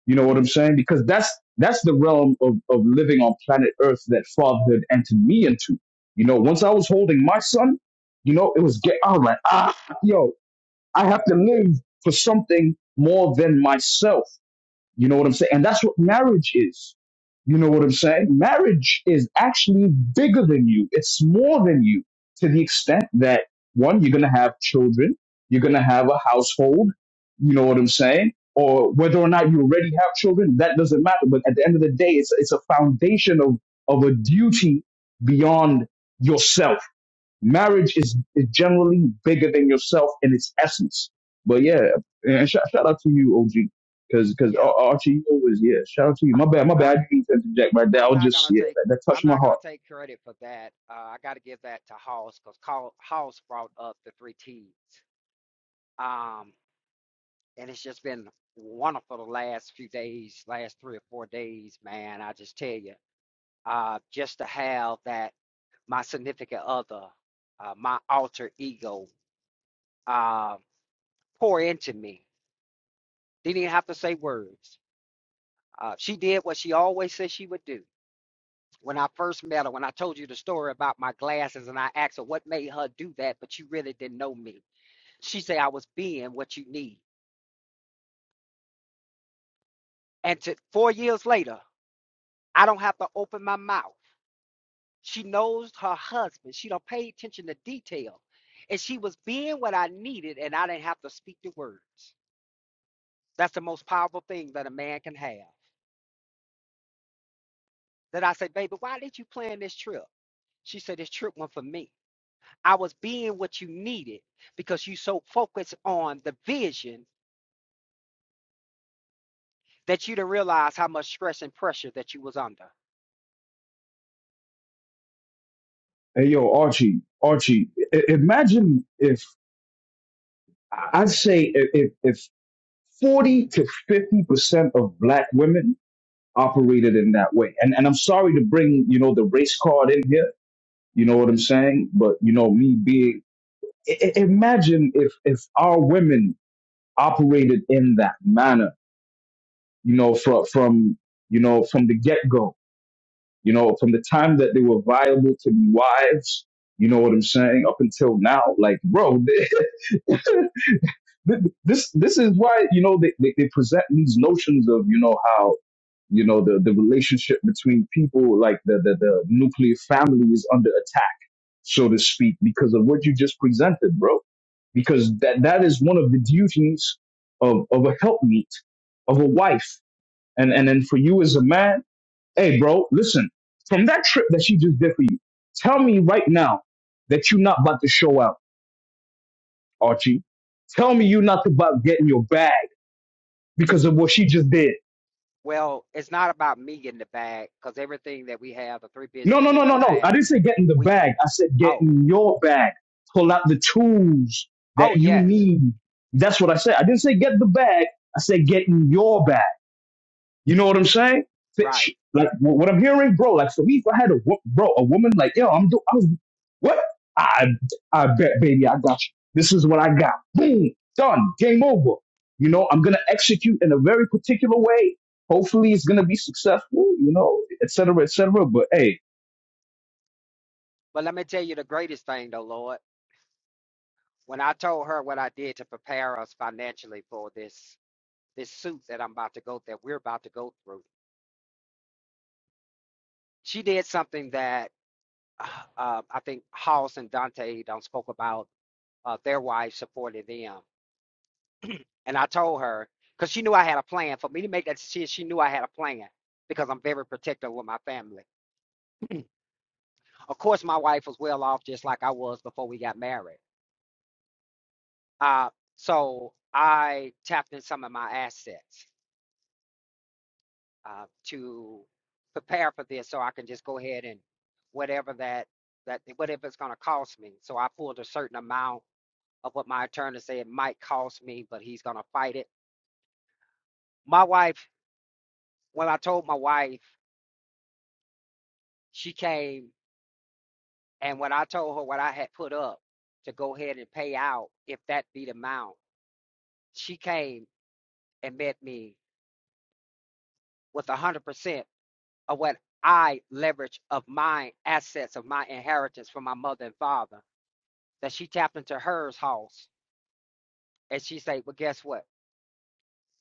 Speaker 9: You know what I'm saying? Because that's that's the realm of, of living on planet Earth that fatherhood entered me into. You know, once I was holding my son, you know, it was get I was like, ah, yo, I have to live for something more than myself. You know what I'm saying? And that's what marriage is. You know what I'm saying? Marriage is actually bigger than you. It's more than you to the extent that one, you're going to have children. You're going to have a household. You know what I'm saying? Or whether or not you already have children, that doesn't matter. But at the end of the day, it's, it's a foundation of, of a duty beyond yourself marriage is, is generally bigger than yourself in its essence. But yeah, and shout, shout out to you, OG, because because
Speaker 13: Yeah.
Speaker 9: Archie you always yeah. Shout out to you.
Speaker 13: I.
Speaker 9: My bad, my bad.
Speaker 13: I,
Speaker 9: I didn't mean to interject right there. I
Speaker 13: I'm
Speaker 9: was
Speaker 13: not
Speaker 9: just
Speaker 13: gonna
Speaker 9: yeah,
Speaker 13: take
Speaker 9: that, that
Speaker 13: I'm
Speaker 9: touched my
Speaker 13: not gonna
Speaker 9: heart.
Speaker 13: take credit for that. Uh, I got to give that to Hoss because Hoss brought up the three T's, um, and it's just been wonderful the last few days, last three or four days, man. I just tell you, uh, just to have that my significant other, uh, my alter ego, uh, pour into me. Didn't even have to say words. Uh, she did what she always said she would do when I first met her, when I told you the story about my glasses, and I asked her what made her do that, but you really didn't know me. She said I was being what you need. And to, four years later, I don't have to open my mouth. She knows her husband. She don't pay attention to detail, and she was being what I needed, and I didn't have to speak the words. That's the most powerful thing that a man can have. That I said, baby, why did you plan this trip? She said, this trip went for me. I was being what you needed because you so focused on the vision that you didn't realize how much stress and pressure that you was under.
Speaker 9: Hey yo, Archie, Archie, I- imagine if I- I'd say if if if forty to fifty percent of black women operated in that way, and and I'm sorry to bring you know the race card in here. You know what I'm saying? But you know me being I- imagine if if our women operated in that manner you know from from you know from the get-go you know from the time that they were viable to be wives you know what i'm saying up until now like bro this this is why you know they, they, they present these notions of you know how you know the, the relationship between people like the, the the nuclear family is under attack so to speak, because of what you just presented, bro. Because that, that is one of the duties of, of a helpmeet, of a wife. And, and then for you as a man, hey, bro, listen, from that trip that she just did for you, tell me right now that you're not about to show out, Archie. Tell me you're not about getting your bag because of what she just did.
Speaker 13: Well, it's not about me getting the bag because everything that we have, the three
Speaker 9: No,
Speaker 13: businesses
Speaker 9: no,
Speaker 13: that
Speaker 9: no, no,
Speaker 13: we
Speaker 9: no. I
Speaker 13: have,
Speaker 9: didn't say get in the
Speaker 13: we
Speaker 9: bag. I said get
Speaker 13: oh
Speaker 9: in your bag. Pull out the tools
Speaker 13: oh
Speaker 9: that you
Speaker 13: yes,
Speaker 9: need. That's what I said. I didn't say get the bag. I said get in your bag. You know what I'm saying? Fitch,
Speaker 13: right.
Speaker 9: like wh- what I'm hearing, bro. Like for me, if I had a wo- bro, a woman, like yo, I'm do, I was what? I I bet, baby, I got you. This is what I got. Boom, done. Game over. You know, I'm gonna execute in a very particular way. Hopefully, it's gonna be successful. You know, et cetera, et cetera. But hey.
Speaker 13: But let me tell you the greatest thing though, Lord, when I told her what I did to prepare us financially for this this suit that I'm about to go that we're about to go through, she did something that uh, I think Hoss and Dante don't spoke about uh, their wives supported them. And I told her, because she knew I had a plan. For me to make that decision, she knew I had a plan because I'm very protective with my family. Of course, my wife was well off just like I was before we got married. Uh, so I tapped in some of my assets uh, to prepare for this so I can just go ahead and whatever that, that whatever it's going to cost me. So I pulled a certain amount of what my attorney said it might cost me, but he's going to fight it. My wife, when I told my wife, she came And when I told her what I had put up to go ahead and pay out, if that be the amount, she came and met me with one hundred percent of what I leveraged of my assets of my inheritance from my mother and father. That she tapped into hers house and she said, Well, guess what?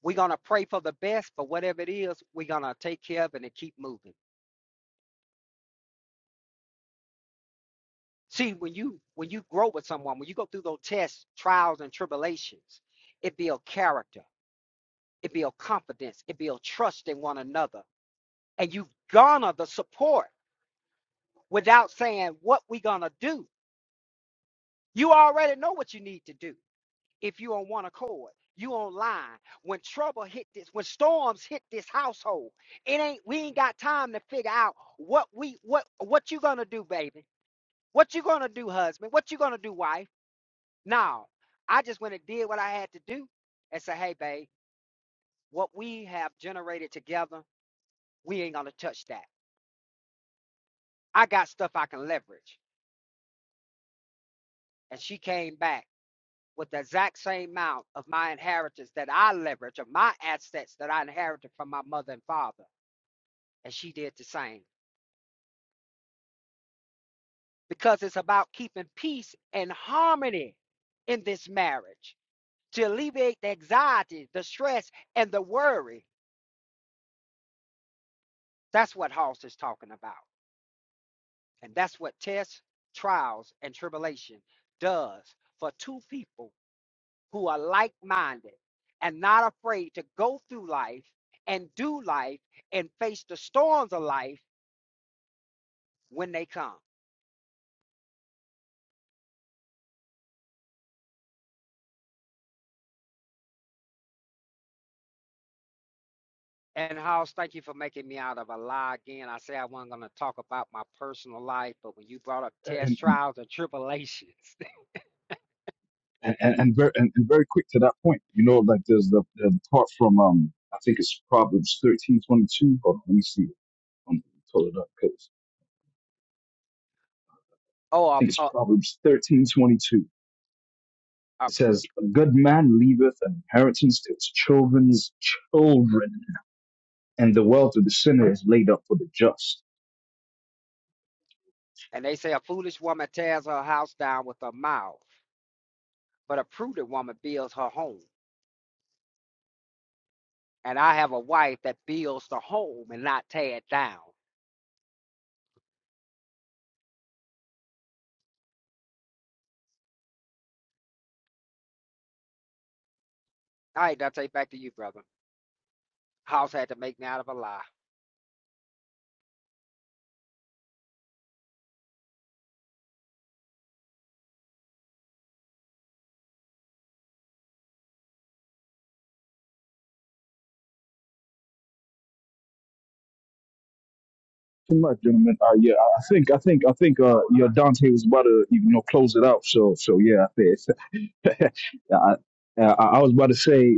Speaker 13: We're gonna pray for the best, but whatever it is, we're gonna take care of it and keep moving. See, when you when you grow with someone, when you go through those tests, trials, and tribulations, it builds character it builds confidence, it builds trust in one another. And you garner the support without saying what we gonna do. You already know what you need to do if you on one accord. You online. When trouble hit this, when storms hit this household, it ain't we ain't got time to figure out what we what what you gonna do, baby. What you gonna do, husband? What you gonna do, wife? No. I just went and did what I had to do and say, hey, babe, what we have generated together, we ain't gonna touch that. I got stuff I can leverage. And she came back with the exact same amount of my inheritance that I leverage, of my assets that I inherited from my mother and father. And she did the same because it's about keeping peace and harmony in this marriage to alleviate the anxiety, the stress, and the worry. That's what Hoss is talking about. And that's what tests, trials, and tribulation does for two people who are like minded and not afraid to go through life and do life and face the storms of life when they come. And House, thank you for making me out of a lie again. I say I wasn't going to talk about my personal life, but when you brought up test trials and tribulations,
Speaker 9: and and, and very and, and very quick to that point. You know, like there's the, the part from um I think it's Proverbs thirteen twenty two. Hold on, let me see. I'm pull it up because
Speaker 13: oh,
Speaker 9: I
Speaker 13: uh,
Speaker 9: think it's
Speaker 13: uh,
Speaker 9: Proverbs thirteen twenty two.
Speaker 13: uh,
Speaker 9: It says, "A good man leaveth an inheritance to his children's children, and the wealth of the sinner is laid up for the just."
Speaker 13: and they say a foolish woman tears her house down with her mouth, but a prudent woman builds her home. And I have a wife that builds the home and not tear it down. All right, Dante, back to you, brother. House had to make me out of a lie.
Speaker 9: Too much, gentlemen. Uh, yeah, I I think, I think, I think, uh, your Dante was about to, you know, close it out. So, so yeah, I think, yeah, I, uh, I I was about to say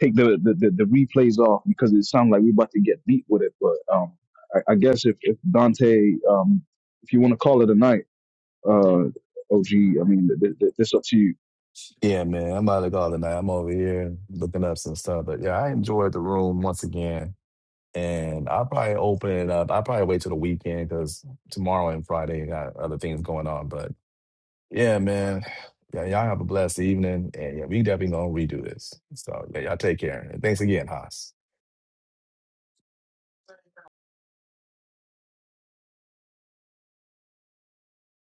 Speaker 9: take the, the, the, the replays off because it sounds like we're about to get beat with it. But um, I, I guess if, if Dante, um, if you want to call it a night, uh, OG, I mean, th- th- th- this up to you.
Speaker 1: Yeah, man, I'm out of call tonight. I'm over here looking up some stuff. But yeah, I enjoyed the room once again. and I'll probably open it up. I'll probably wait till the weekend because tomorrow and Friday got other things going on. But yeah, man, yeah, y'all have a blessed evening, and yeah, we definitely gonna redo this. So yeah, y'all take care, and thanks again, Haas.